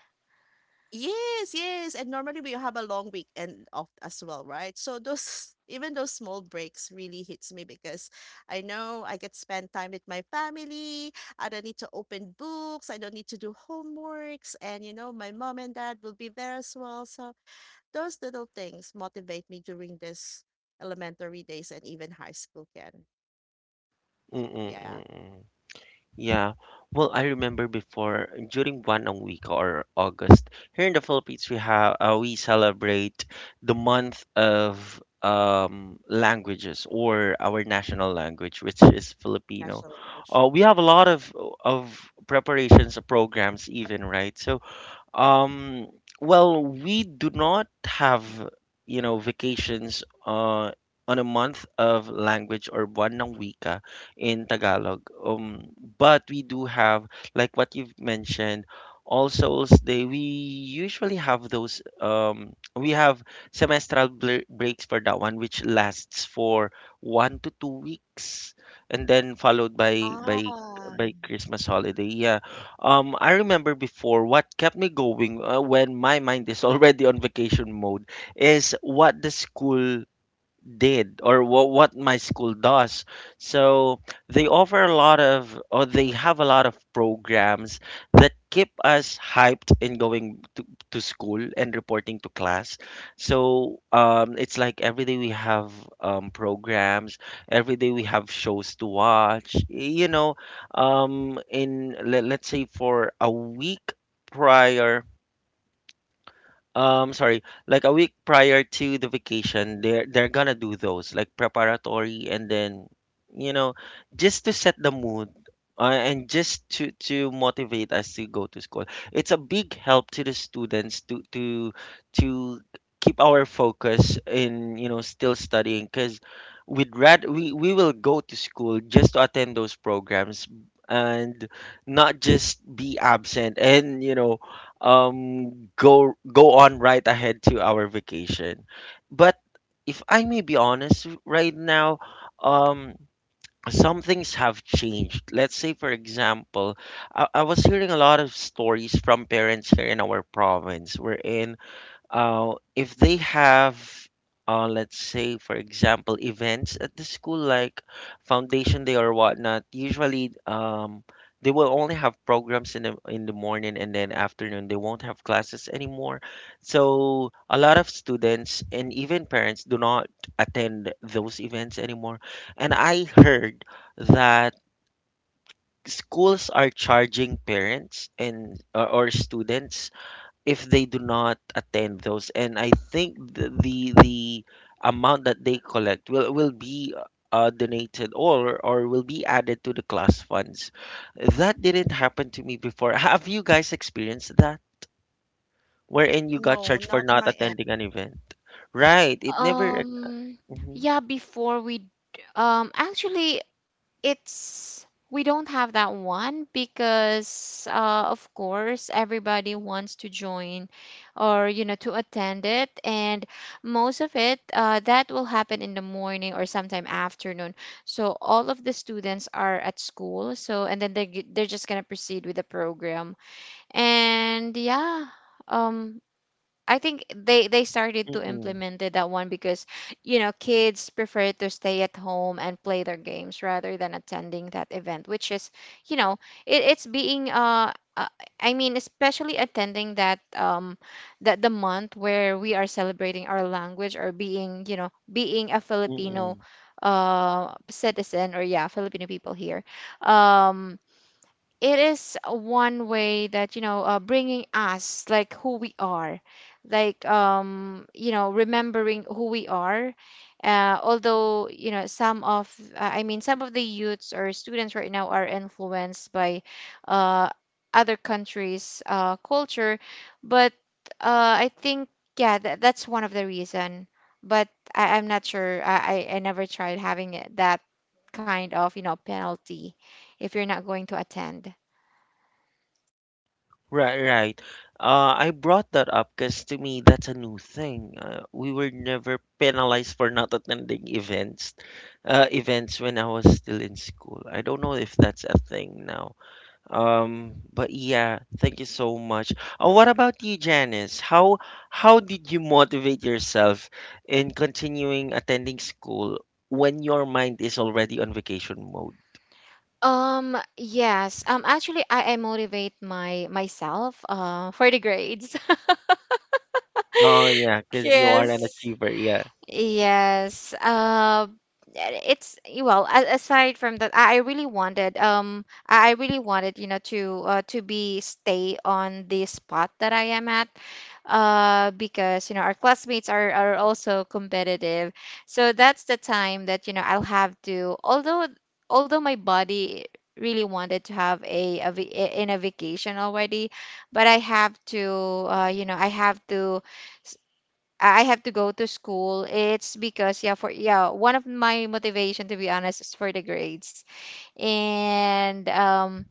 [SPEAKER 2] Yes, yes. And normally we have a long weekend off as well, right? So those even those small breaks really hits me because I know I get spend time with my family. I don't need to open books. I don't need to do homeworks. And you know, my mom and dad will be there as well. So those little things motivate me during this elementary days and even high school, Can
[SPEAKER 1] Mm-mm.
[SPEAKER 2] Yeah,
[SPEAKER 1] Mm-mm. Yeah. Well, I remember before during Wanang Week or August here in the Philippines, we celebrate the month of languages or our national language, which is
[SPEAKER 2] national
[SPEAKER 1] Filipino.
[SPEAKER 2] language.
[SPEAKER 1] We have a lot of of preparations, programs, even, right? So Um, well, we do not have, you know, vacations on a month of language or buwan ng wika in Tagalog. But we do have, like what you've mentioned, All Souls Day. We usually have those. We have semestral breaks for that one, which lasts for 1 to 2 weeks, and then followed
[SPEAKER 2] Ah,
[SPEAKER 1] by Christmas holiday. Yeah, I remember before what kept me going when my mind is already on vacation mode is what the school did or what my school does. So they offer a lot of or they have a lot of programs that keep us hyped in going to school and reporting to class. So it's like every day we have programs, every day we have shows to watch, you know, let's say for a week prior, sorry, like a week prior to the vacation, they're gonna do those like preparatory, and then, you know, just to set the mood and just to motivate us to go to school. It's a big help to the students to keep our focus in, you know, still studying because we'd rather we will go to school just to attend those programs and not just be absent, and you know, go on right ahead to our vacation. But if I may be honest right now, um some things have changed. Let's say for example, I was hearing a lot of stories from parents here in our province wherein if they have let's say for example events at the school like foundation day or whatnot, usually they will only have programs in the morning, and then afternoon they won't have classes anymore. So a lot of students and even parents do not attend those events anymore, and I heard that schools are charging parents and or students if they do not attend those. And I think the amount that they collect will be donated or will be added to the class funds. That didn't happen to me before. Have you guys experienced that, wherein you got
[SPEAKER 2] no,
[SPEAKER 1] charged
[SPEAKER 2] not
[SPEAKER 1] for
[SPEAKER 2] on my
[SPEAKER 1] not
[SPEAKER 2] end.
[SPEAKER 1] attending an event? Right, it never.
[SPEAKER 3] Um
[SPEAKER 1] Mm-hmm,
[SPEAKER 3] yeah, before we actually, it's, we don't have that one, because of course everybody wants to join, or you know, to attend it. And most of it, that will happen in the morning or sometime afternoon, so all of the students are at school. So and then they're just gonna proceed with the program. And yeah, um I think they started to
[SPEAKER 1] mm-mm,
[SPEAKER 3] implement it, that one, because you know, kids prefer to stay at home and play their games rather than attending that event, which is, you know, it's being I mean, especially attending that that the month where we are celebrating our language, or being, you know, being a Filipino
[SPEAKER 1] mm-mm.
[SPEAKER 3] citizen, or yeah, Filipino people here. um it is one way that, you know, bringing us like who we are, like you know, remembering who we are. Although, you know, some of, I mean, some of the youths or students right now are influenced by uh, other countries culture. But I think, yeah, that's one of the reason. But I'm not sure, I never tried having it, that kind of, you know, penalty if you're not going to attend.
[SPEAKER 1] Right, right. I brought that up because to me that's a new thing. We were never penalized for not attending events, events when I was still in school. I don't know if that's a thing now. But yeah, thank you so much. What about you, Janice? How did you motivate yourself in continuing attending school when your mind is already on vacation mode?
[SPEAKER 3] Yes. Actually, I motivate my myself for the grades.
[SPEAKER 1] Oh yeah, because you are
[SPEAKER 3] Yes,
[SPEAKER 1] an achiever. Yeah.
[SPEAKER 3] yes. It's well. Aside from that, I really wanted. I really wanted, you know, to be stay on the spot that I am at. Because you know, our classmates are also competitive. So that's the time that, you know, I'll have to. Although although my body really wanted to have a in a vacation already, but I have to. You know, I have to. I have to go to school. It's because, yeah, for yeah, one of my motivation to be honest is for the grades. And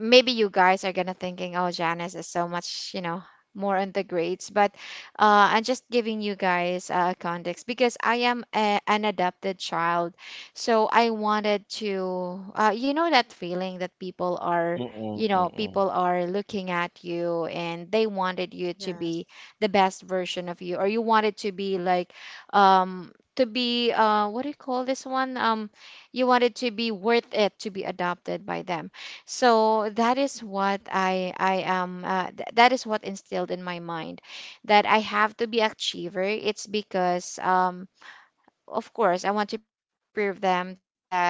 [SPEAKER 3] maybe you guys are gonna thinking, oh, Janice is so much, you know, more on the grades. But I'm just giving you guys context, because I am an adopted child. So I wanted to, you know, that feeling that people are,
[SPEAKER 1] Mm-mm,
[SPEAKER 3] you know,
[SPEAKER 1] mm-mm.
[SPEAKER 3] people are looking at you and they wanted you to
[SPEAKER 2] Yes.
[SPEAKER 3] be the best version of you, or you wanted to be like, to be, what do you call this one? You wanted to be worth it to be adopted by them. So that is what I am, that is what instilled in my mind, that I have to be achiever. It's because of course I want to prove them that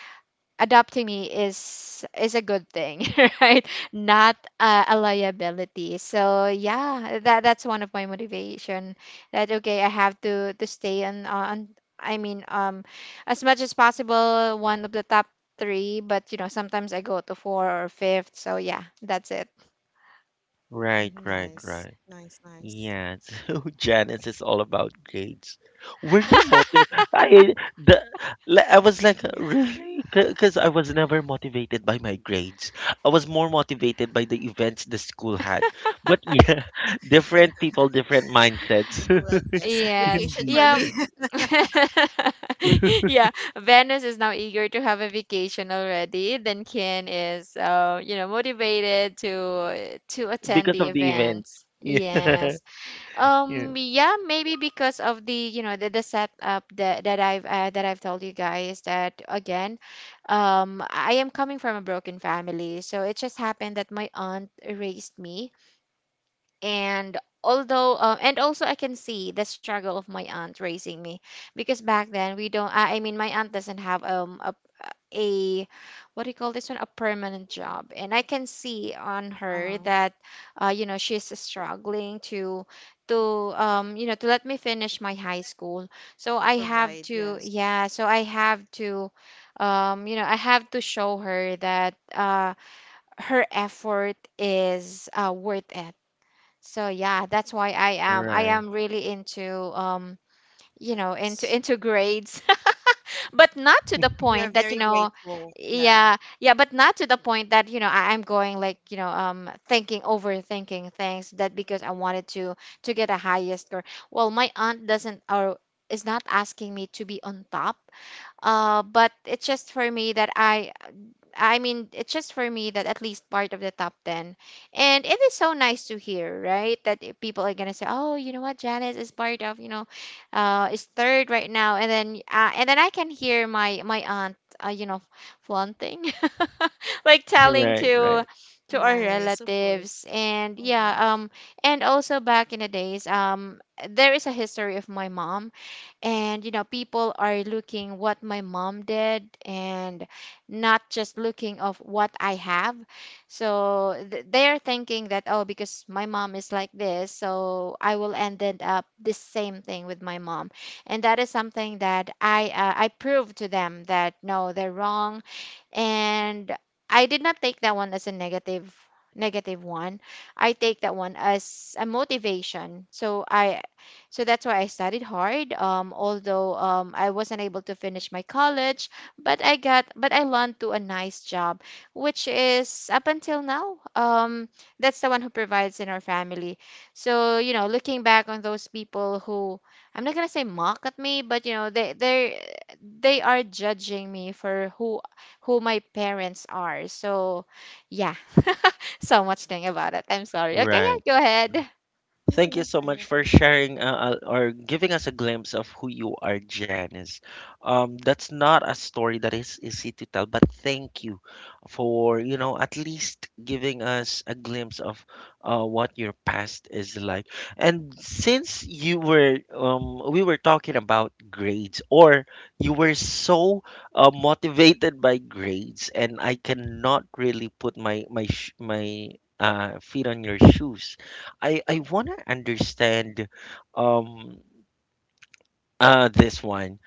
[SPEAKER 3] adopting me is a good thing right, not a liability. So yeah, that's one of my motivation that okay, I have to stay on, i mean um as much as possible one of the top three. But you know, sometimes I go to four or fifth, so yeah, that's it.
[SPEAKER 1] Right,
[SPEAKER 2] Mhm.
[SPEAKER 1] right,
[SPEAKER 2] Nice,
[SPEAKER 1] right.
[SPEAKER 2] nice, nice.
[SPEAKER 1] Yeah, so Janice is all about grades. Were you motivated? I the I was like,
[SPEAKER 2] Yeah,
[SPEAKER 1] really? Because I was never motivated by my grades. I was more motivated by the events the school had. But yeah, different people, different
[SPEAKER 2] big
[SPEAKER 1] mindsets.
[SPEAKER 2] rest, yes.
[SPEAKER 3] Yes,
[SPEAKER 2] Vacation
[SPEAKER 1] Indeed,
[SPEAKER 2] for
[SPEAKER 3] yeah.
[SPEAKER 2] me.
[SPEAKER 3] Yeah, Venus is now eager to have a vacation already. Then Ken is, you know, motivated to attend
[SPEAKER 1] because
[SPEAKER 3] the
[SPEAKER 1] of the event.
[SPEAKER 3] events.
[SPEAKER 1] Yeah,
[SPEAKER 3] Yes.
[SPEAKER 1] yeah.
[SPEAKER 3] Yeah. Maybe because of the, you know, the setup that I've that I've told you guys that again, I am coming from a broken family, so it just happened that my aunt raised me. And although and also I can see the struggle of my aunt raising me, because back then we don't I mean my aunt doesn't have a, what do you call this one, a permanent job. And I can see on her
[SPEAKER 2] Uh-huh.
[SPEAKER 3] that you know, she's struggling to you know, to let me finish my high school. So
[SPEAKER 2] To
[SPEAKER 3] I have
[SPEAKER 2] provide,
[SPEAKER 3] to,
[SPEAKER 2] yes.
[SPEAKER 3] yeah, so I have to you know, I have to show her that her effort is worth it. So yeah, that's why I am I
[SPEAKER 1] Right,
[SPEAKER 3] am really into um you know,
[SPEAKER 2] Nice.
[SPEAKER 3] into grades. But not to the
[SPEAKER 2] We are
[SPEAKER 3] point that
[SPEAKER 2] very
[SPEAKER 3] you know,
[SPEAKER 2] grateful. Yeah.
[SPEAKER 3] yeah yeah, but not to the point that you know, I'm going like, you know, thinking, overthinking things, that because I wanted to get a highest score. Well, my aunt doesn't, or is not asking me to be on top, but it's just for me that I mean, it's just for me that at least part of the top 10. And it is so nice to hear, right? That people are going to say, oh, you know what, Janice is part of, you know, is third right now. And then I can hear my aunt, you know, flaunting, like telling
[SPEAKER 1] right, right,
[SPEAKER 3] to our
[SPEAKER 2] Nice, of course.
[SPEAKER 3] relatives. And
[SPEAKER 2] Uh-huh.
[SPEAKER 3] yeah, and also back in the days, there is a history of my mom. And you know, people are looking what my mom did, and not just looking of what I have. So they're thinking that, oh, because my mom is like this, so I will end it up the same thing with my mom. And that is something that I prove to them that no, they're wrong. And I did not take that one as a negative one. I take that one as a motivation. So I, so that's why I studied hard. Although I wasn't able to finish my college, but I got but I learned to a nice job, which is up until now. That's the one who provides in our family. So you know, looking back on those people who, I'm not gonna say mock at me, but you know, they they are judging me for who my parents are. So, yeah, so much thing about it. I'm sorry. Okay,
[SPEAKER 1] right.
[SPEAKER 3] yeah, go ahead.
[SPEAKER 2] Oh,
[SPEAKER 1] Thank you
[SPEAKER 2] you're
[SPEAKER 1] so
[SPEAKER 2] fine,
[SPEAKER 1] much
[SPEAKER 2] you're
[SPEAKER 1] for
[SPEAKER 2] fine.
[SPEAKER 1] sharing or giving us a glimpse of who you are, Janice. That's not a story that is easy to tell, but thank you for, you know, at least giving us a glimpse of what your past is like. And since you were, we were talking about grades, or you were so motivated by grades, and I cannot really put my feet on your shoes. I want to understand um this one.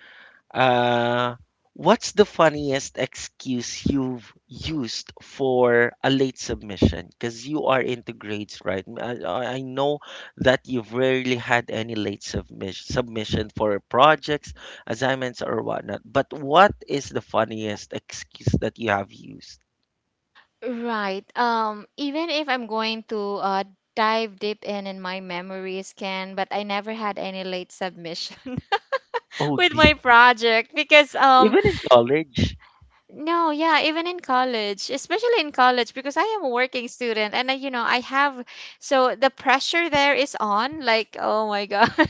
[SPEAKER 1] Uh, what's the funniest excuse you've used for a late submission? Because you are into grades, right? I know that you've rarely had any late submission for projects, assignments or whatnot. But what is the funniest excuse that you have used?
[SPEAKER 3] Right. Even if I'm going to dive deep in my memories, can, but I never had any late submission
[SPEAKER 1] Oh,
[SPEAKER 3] with
[SPEAKER 1] the,
[SPEAKER 3] my project because
[SPEAKER 1] even in college?
[SPEAKER 3] no, yeah, even in college, especially in college, because I am a working student, and I, you know, I have, so the pressure there is on, like, oh my God.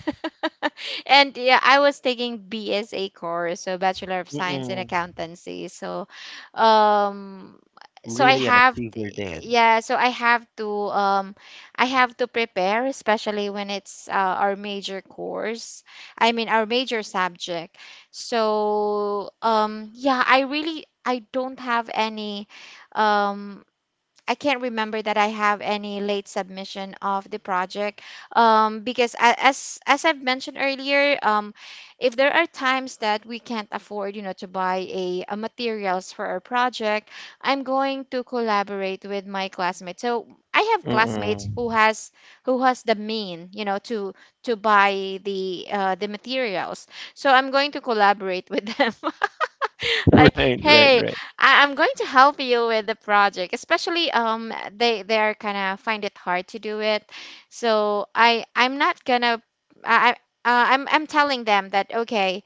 [SPEAKER 3] And yeah, I was taking BSA course, so Bachelor of Science in
[SPEAKER 1] Mm-mm,
[SPEAKER 3] Accountancy. So, um, so I
[SPEAKER 1] really an
[SPEAKER 3] have,
[SPEAKER 1] achiever then.
[SPEAKER 3] yeah, so I have to prepare, especially when it's our major course. I mean, our major subject. So yeah, I really, I don't have any um I can't remember that I have any late submission of the project, because as I've mentioned earlier, if there are times that we can't afford, you know, to buy a materials for our project, I'm going to collaborate with my classmates. So I have classmates
[SPEAKER 1] Mm-mm.
[SPEAKER 3] who has, who has the mean, you know, to buy the materials. So I'm going to collaborate with them. Like,
[SPEAKER 1] Right, right,
[SPEAKER 3] hey,
[SPEAKER 1] right.
[SPEAKER 3] I'm going to help you with the project, especially they, they're kind of find it hard to do it. So I I'm not gonna I- I'm telling them that okay,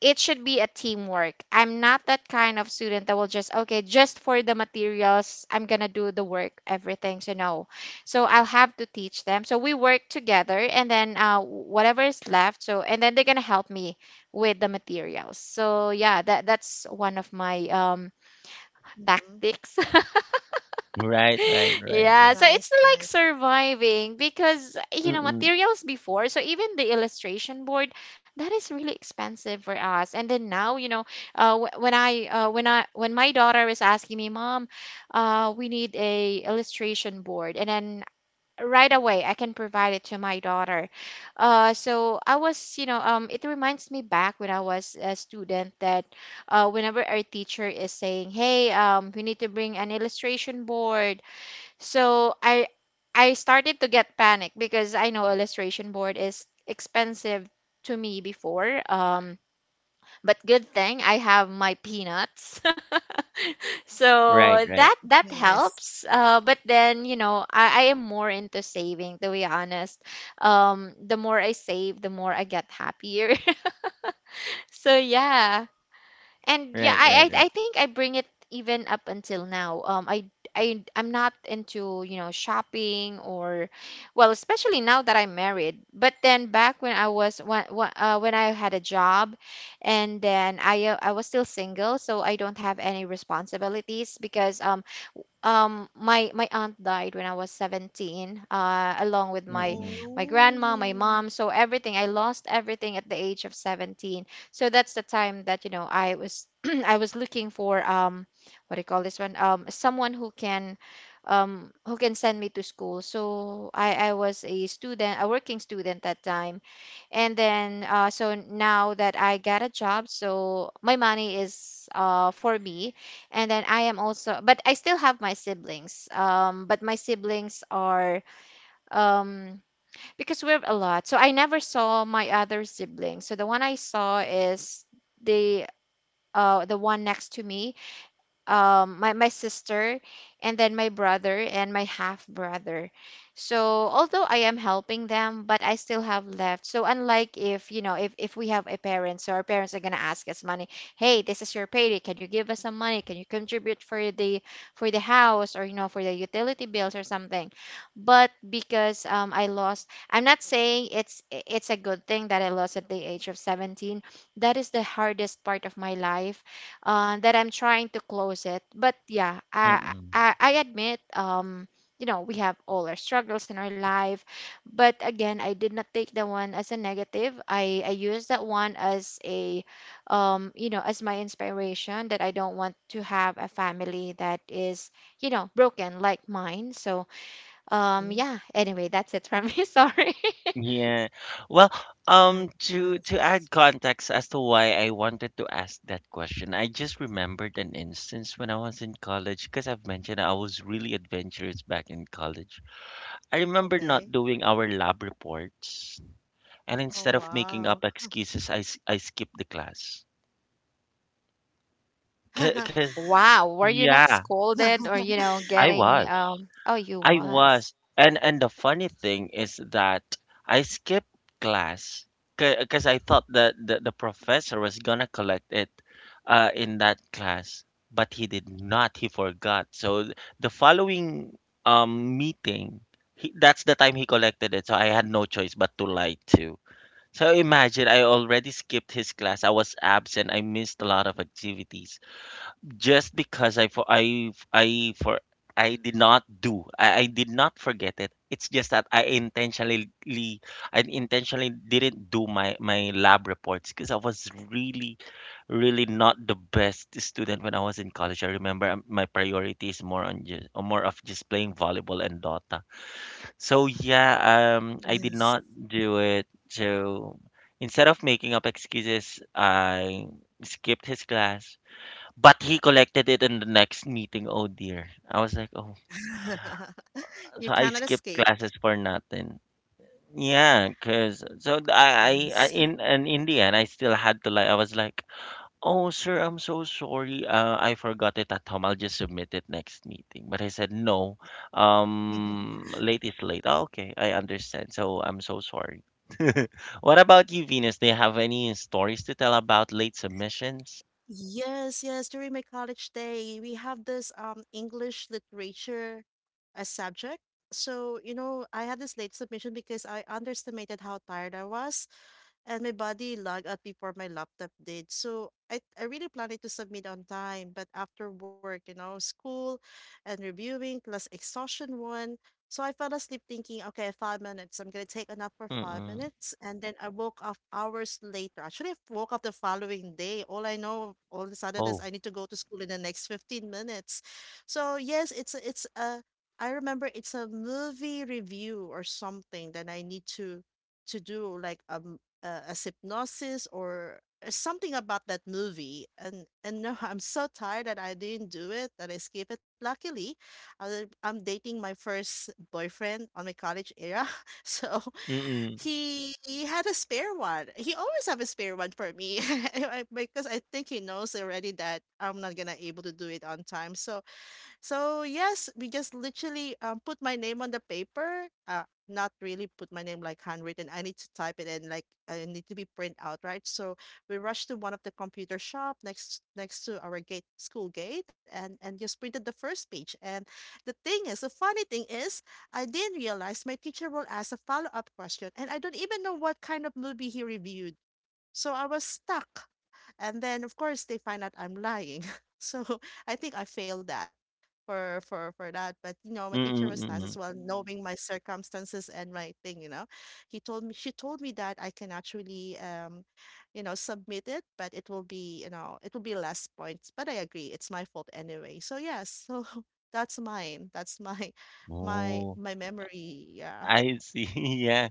[SPEAKER 3] it should be a teamwork. I'm not that kind of student that will just, okay, just for the materials, I'm gonna do the work, everything. So no, so I'll have to teach them. So we work together, and then whatever is left, so, and then they're gonna help me with the materials. So yeah, that that's one of my
[SPEAKER 2] Mm-hmm.
[SPEAKER 3] tactics.
[SPEAKER 1] Right, right, right,
[SPEAKER 3] Yeah,
[SPEAKER 1] right.
[SPEAKER 3] so
[SPEAKER 2] Nice,
[SPEAKER 3] it's
[SPEAKER 2] nice,
[SPEAKER 3] like surviving, because you know,
[SPEAKER 1] Mm-mm.
[SPEAKER 3] materials before, so even the illustration board that is really expensive for us. And then now, you know, when I when I when my daughter was asking me, mom, we need a illustration board, and then right away I can provide it to my daughter. So I was, you know, it reminds me back when I was a student, that whenever our teacher is saying, hey, we need to bring an illustration board. So I started to get panic because I know illustration board is expensive to me before. But good thing I have my peanuts.
[SPEAKER 1] Right,
[SPEAKER 3] So
[SPEAKER 1] right.
[SPEAKER 3] that, that
[SPEAKER 2] nice.
[SPEAKER 3] helps. But then you know, I am more into saving, to be honest. The more I save, the more I get happier. So yeah, and yeah,
[SPEAKER 1] Right, right,
[SPEAKER 3] I, I
[SPEAKER 1] right.
[SPEAKER 3] think I bring it even up until now. I'm not into, you know, shopping, or, well, especially now that I'm married. But then back when I was, when I had a job, and then I was still single, so I don't have any responsibilities because my, my aunt died when I was 17, along with my,
[SPEAKER 2] Oh,
[SPEAKER 1] Mm-mm.
[SPEAKER 3] my grandma, my
[SPEAKER 2] no.
[SPEAKER 3] mom. So everything, I lost everything at the age of 17. So that's the time that, you know, I was I was looking for what do you call this one, someone who can send me to school. So I was a student, a working student, that time. And then so now that I got a job, so my money is for me. And then I am also, but I still have my siblings. But my siblings are um because we're a lot, so I never saw my other siblings. So the one I saw is the the one next to me, my, my sister, and then my brother and my half brother. So although I am helping them, but I still have left. So unlike, if you know, if we have a parent, so our parents are going to ask us money, hey, this is your payday, can you give us some money, can you contribute for the, for the house, or you know, for the utility bills or something. But because I lost, I'm not saying it's a good thing that I lost at the age of 17, that is the hardest part of my life, that I'm trying to close it. But yeah,
[SPEAKER 1] Mm-mm.
[SPEAKER 3] I admit, you know, we have all our struggles in our life. But again, I did not take that one as a negative. I used that one as a, you know, as my inspiration that I don't want to have a family that is, you know, broken like mine. So
[SPEAKER 2] Mm-hmm.
[SPEAKER 3] yeah. Anyway, that's it from me. Sorry.
[SPEAKER 1] Yeah. Well,
[SPEAKER 2] Nice, nice.
[SPEAKER 1] to add context as to why I wanted to ask that question, I just remembered an instance when I was in college because I've mentioned I was really adventurous back in college. I remember
[SPEAKER 2] Okay.
[SPEAKER 1] not doing our lab reports, and
[SPEAKER 2] Oh,
[SPEAKER 1] instead of making
[SPEAKER 2] wow.
[SPEAKER 1] up excuses, I skipped the class. Cause, 'cause-
[SPEAKER 3] Wow, were you not
[SPEAKER 1] yeah,
[SPEAKER 3] scolded or you know,
[SPEAKER 1] I
[SPEAKER 3] getting?
[SPEAKER 1] was.
[SPEAKER 3] Oh, you
[SPEAKER 1] I
[SPEAKER 3] was.
[SPEAKER 1] was. And the funny thing is that I skipped class because I thought that the professor was gonna collect it in that class, but he did not. He forgot. So the following meeting, that's the time he collected it. So I had no choice but to lie too. So imagine I already skipped his class. I was absent. I missed a lot of activities just because I did not do I did not forget it. It's just that I intentionally didn't do my lab reports because I was really really not the best student when I was in college. I remember my priority is more on just more of just playing volleyball and Dota. So yeah, I did
[SPEAKER 2] Yes.
[SPEAKER 1] not do it. So instead of making up excuses, I skipped his class but he collected it in the next meeting. Oh dear. I was like, oh.
[SPEAKER 2] You
[SPEAKER 1] So I
[SPEAKER 2] cannot
[SPEAKER 1] skipped
[SPEAKER 2] escape.
[SPEAKER 1] classes for nothing. Yeah, cause so th- I-
[SPEAKER 2] Nice.
[SPEAKER 1] in And in the end I still had to, like I was like, oh sir, I'm so sorry. I forgot it at home. I'll just submit it next meeting. But I said no. Late is late. Oh, okay, I understand. So I'm so sorry. What about you, Venus? Do you have any stories to tell about late submissions?
[SPEAKER 2] Yes, yes. During my college day, we have this English literature subject. So, you know, I had this late submission because I underestimated how tired I was, and my body lagged out before my laptop did. So I really planned to submit on time, but after work, you know, school and reviewing plus exhaustion one. So I fell asleep thinking, okay, 5 minutes. I'm gonna take a nap for five
[SPEAKER 1] Mm-mm.
[SPEAKER 2] minutes. And then I woke up hours later. Actually, I woke up the following day. All I know all of a sudden is
[SPEAKER 1] Oh.
[SPEAKER 2] I need to go to school in the next 15 minutes. So yes, it's a I remember it's a movie review or something that I need to do like as hypnosis or something about that movie, and no I'm so tired that I didn't do it, that I skipped it. Luckily, I'm dating my first boyfriend on my college era, so
[SPEAKER 1] Mm-mm.
[SPEAKER 2] he had a spare one, he always have a spare one for me. I- because I think he knows already that I'm not gonna able to do it on time. So so yes, we just literally put my name on the paper. Not really put my name like handwritten. I need to type it and like I need to be print out, right? So we rushed to one of the computer shop next to our gate school gate and just printed the first page. And the thing is, the funny thing is, I didn't realize my teacher will ask a follow up question, and I don't even know what kind of movie he reviewed. So I was stuck. And then of course they find out I'm lying. So I think I failed that for that. But you know, my teacher was nice as
[SPEAKER 1] Mm-mm.
[SPEAKER 2] well, Mm, knowing my circumstances and my thing. You know, he told me she told me that I can actually you know, submit it, but it will be you know it will be less points. But I agree, it's my fault anyway. So yes, so that's mine. That's my my
[SPEAKER 1] Oh,
[SPEAKER 2] my memory. Yeah.
[SPEAKER 1] I see. Yeah.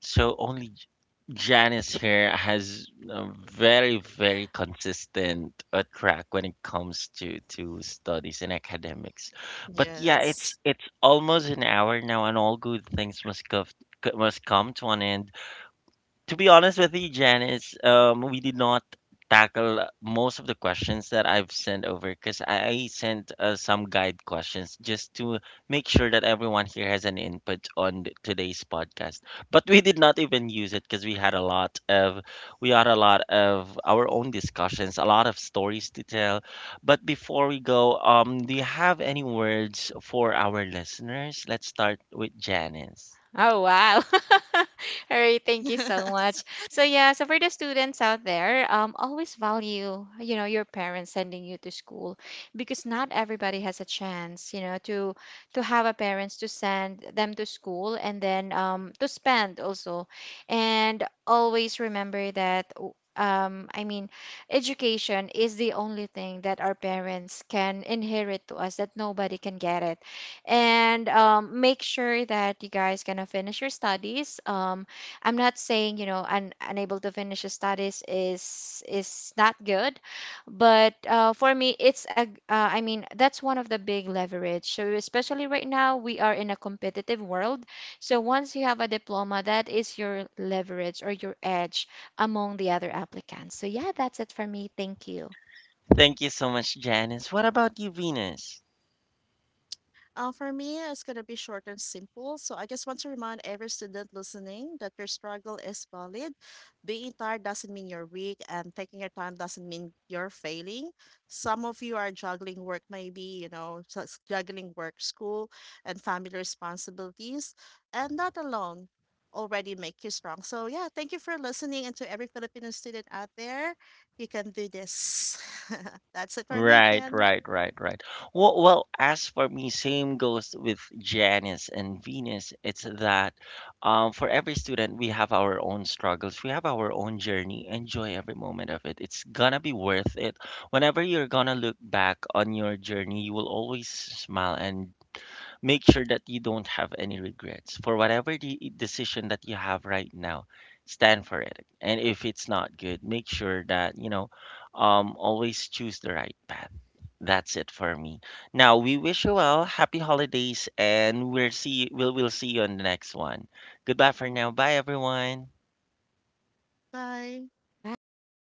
[SPEAKER 1] So only J- Janice here has a very, very consistent track when it comes to studies and academics. But yeah,
[SPEAKER 2] Yes.
[SPEAKER 1] it's almost an hour now, and all good things must go, must come to an end. To be honest with you, Janice, we did not tackle most of the questions that I've sent over because I sent some guide questions just to make sure that everyone here has an input on today's podcast. But we did not even use it because we had a lot of we had a lot of our own discussions, a lot of stories to tell. But before we go, do you have any words for our listeners? Let's start with Janice.
[SPEAKER 3] Oh wow. All right, thank you so much. So yeah, so for the students out there, always value, you know, your parents sending you to school, because not everybody has a chance, you know, to have a parents to send them to school, and then to spend also. And always remember that I mean, education is the only thing that our parents can inherit to us that nobody can get it. And make sure that you guys gonna finish your studies. I'm not saying, you know, unable to finish your studies is not good, but for me it's a I mean that's one of the big leverage. So especially right now, we are in a competitive world, so once you have a diploma, that is your leverage or your edge among the other applicants. So yeah, that's it for me. Thank you.
[SPEAKER 1] Thank you so much, Janice. What about you, Venus?
[SPEAKER 2] For me, it's going to be short and simple. So I just want to remind every student listening that your struggle is valid. Being tired doesn't mean you're weak, and taking your time doesn't mean you're failing. Some of you are juggling work, maybe, you know, so it's juggling work, school, and family responsibilities, and that alone already make you strong. So yeah, thank you for listening, and to every Filipino student out there, you can do this. That's it for me,
[SPEAKER 1] Right,
[SPEAKER 2] Ken.
[SPEAKER 1] right, right, right. Well, well, as for me, same goes with Janice and Venus. It's that for every student, we have our own struggles, we have our own journey. Enjoy every moment of it. It's gonna be worth it. Whenever you're gonna look back on your journey, you will always smile, and make sure that you don't have any regrets for whatever the decision that you have right now. Stand for it, and if it's not good, make sure that you know, always choose the right path. That's it for me. Now we wish you well, happy holidays, and we'll see you on the next one. Goodbye for now. Bye, everyone.
[SPEAKER 2] Bye.
[SPEAKER 3] Bye.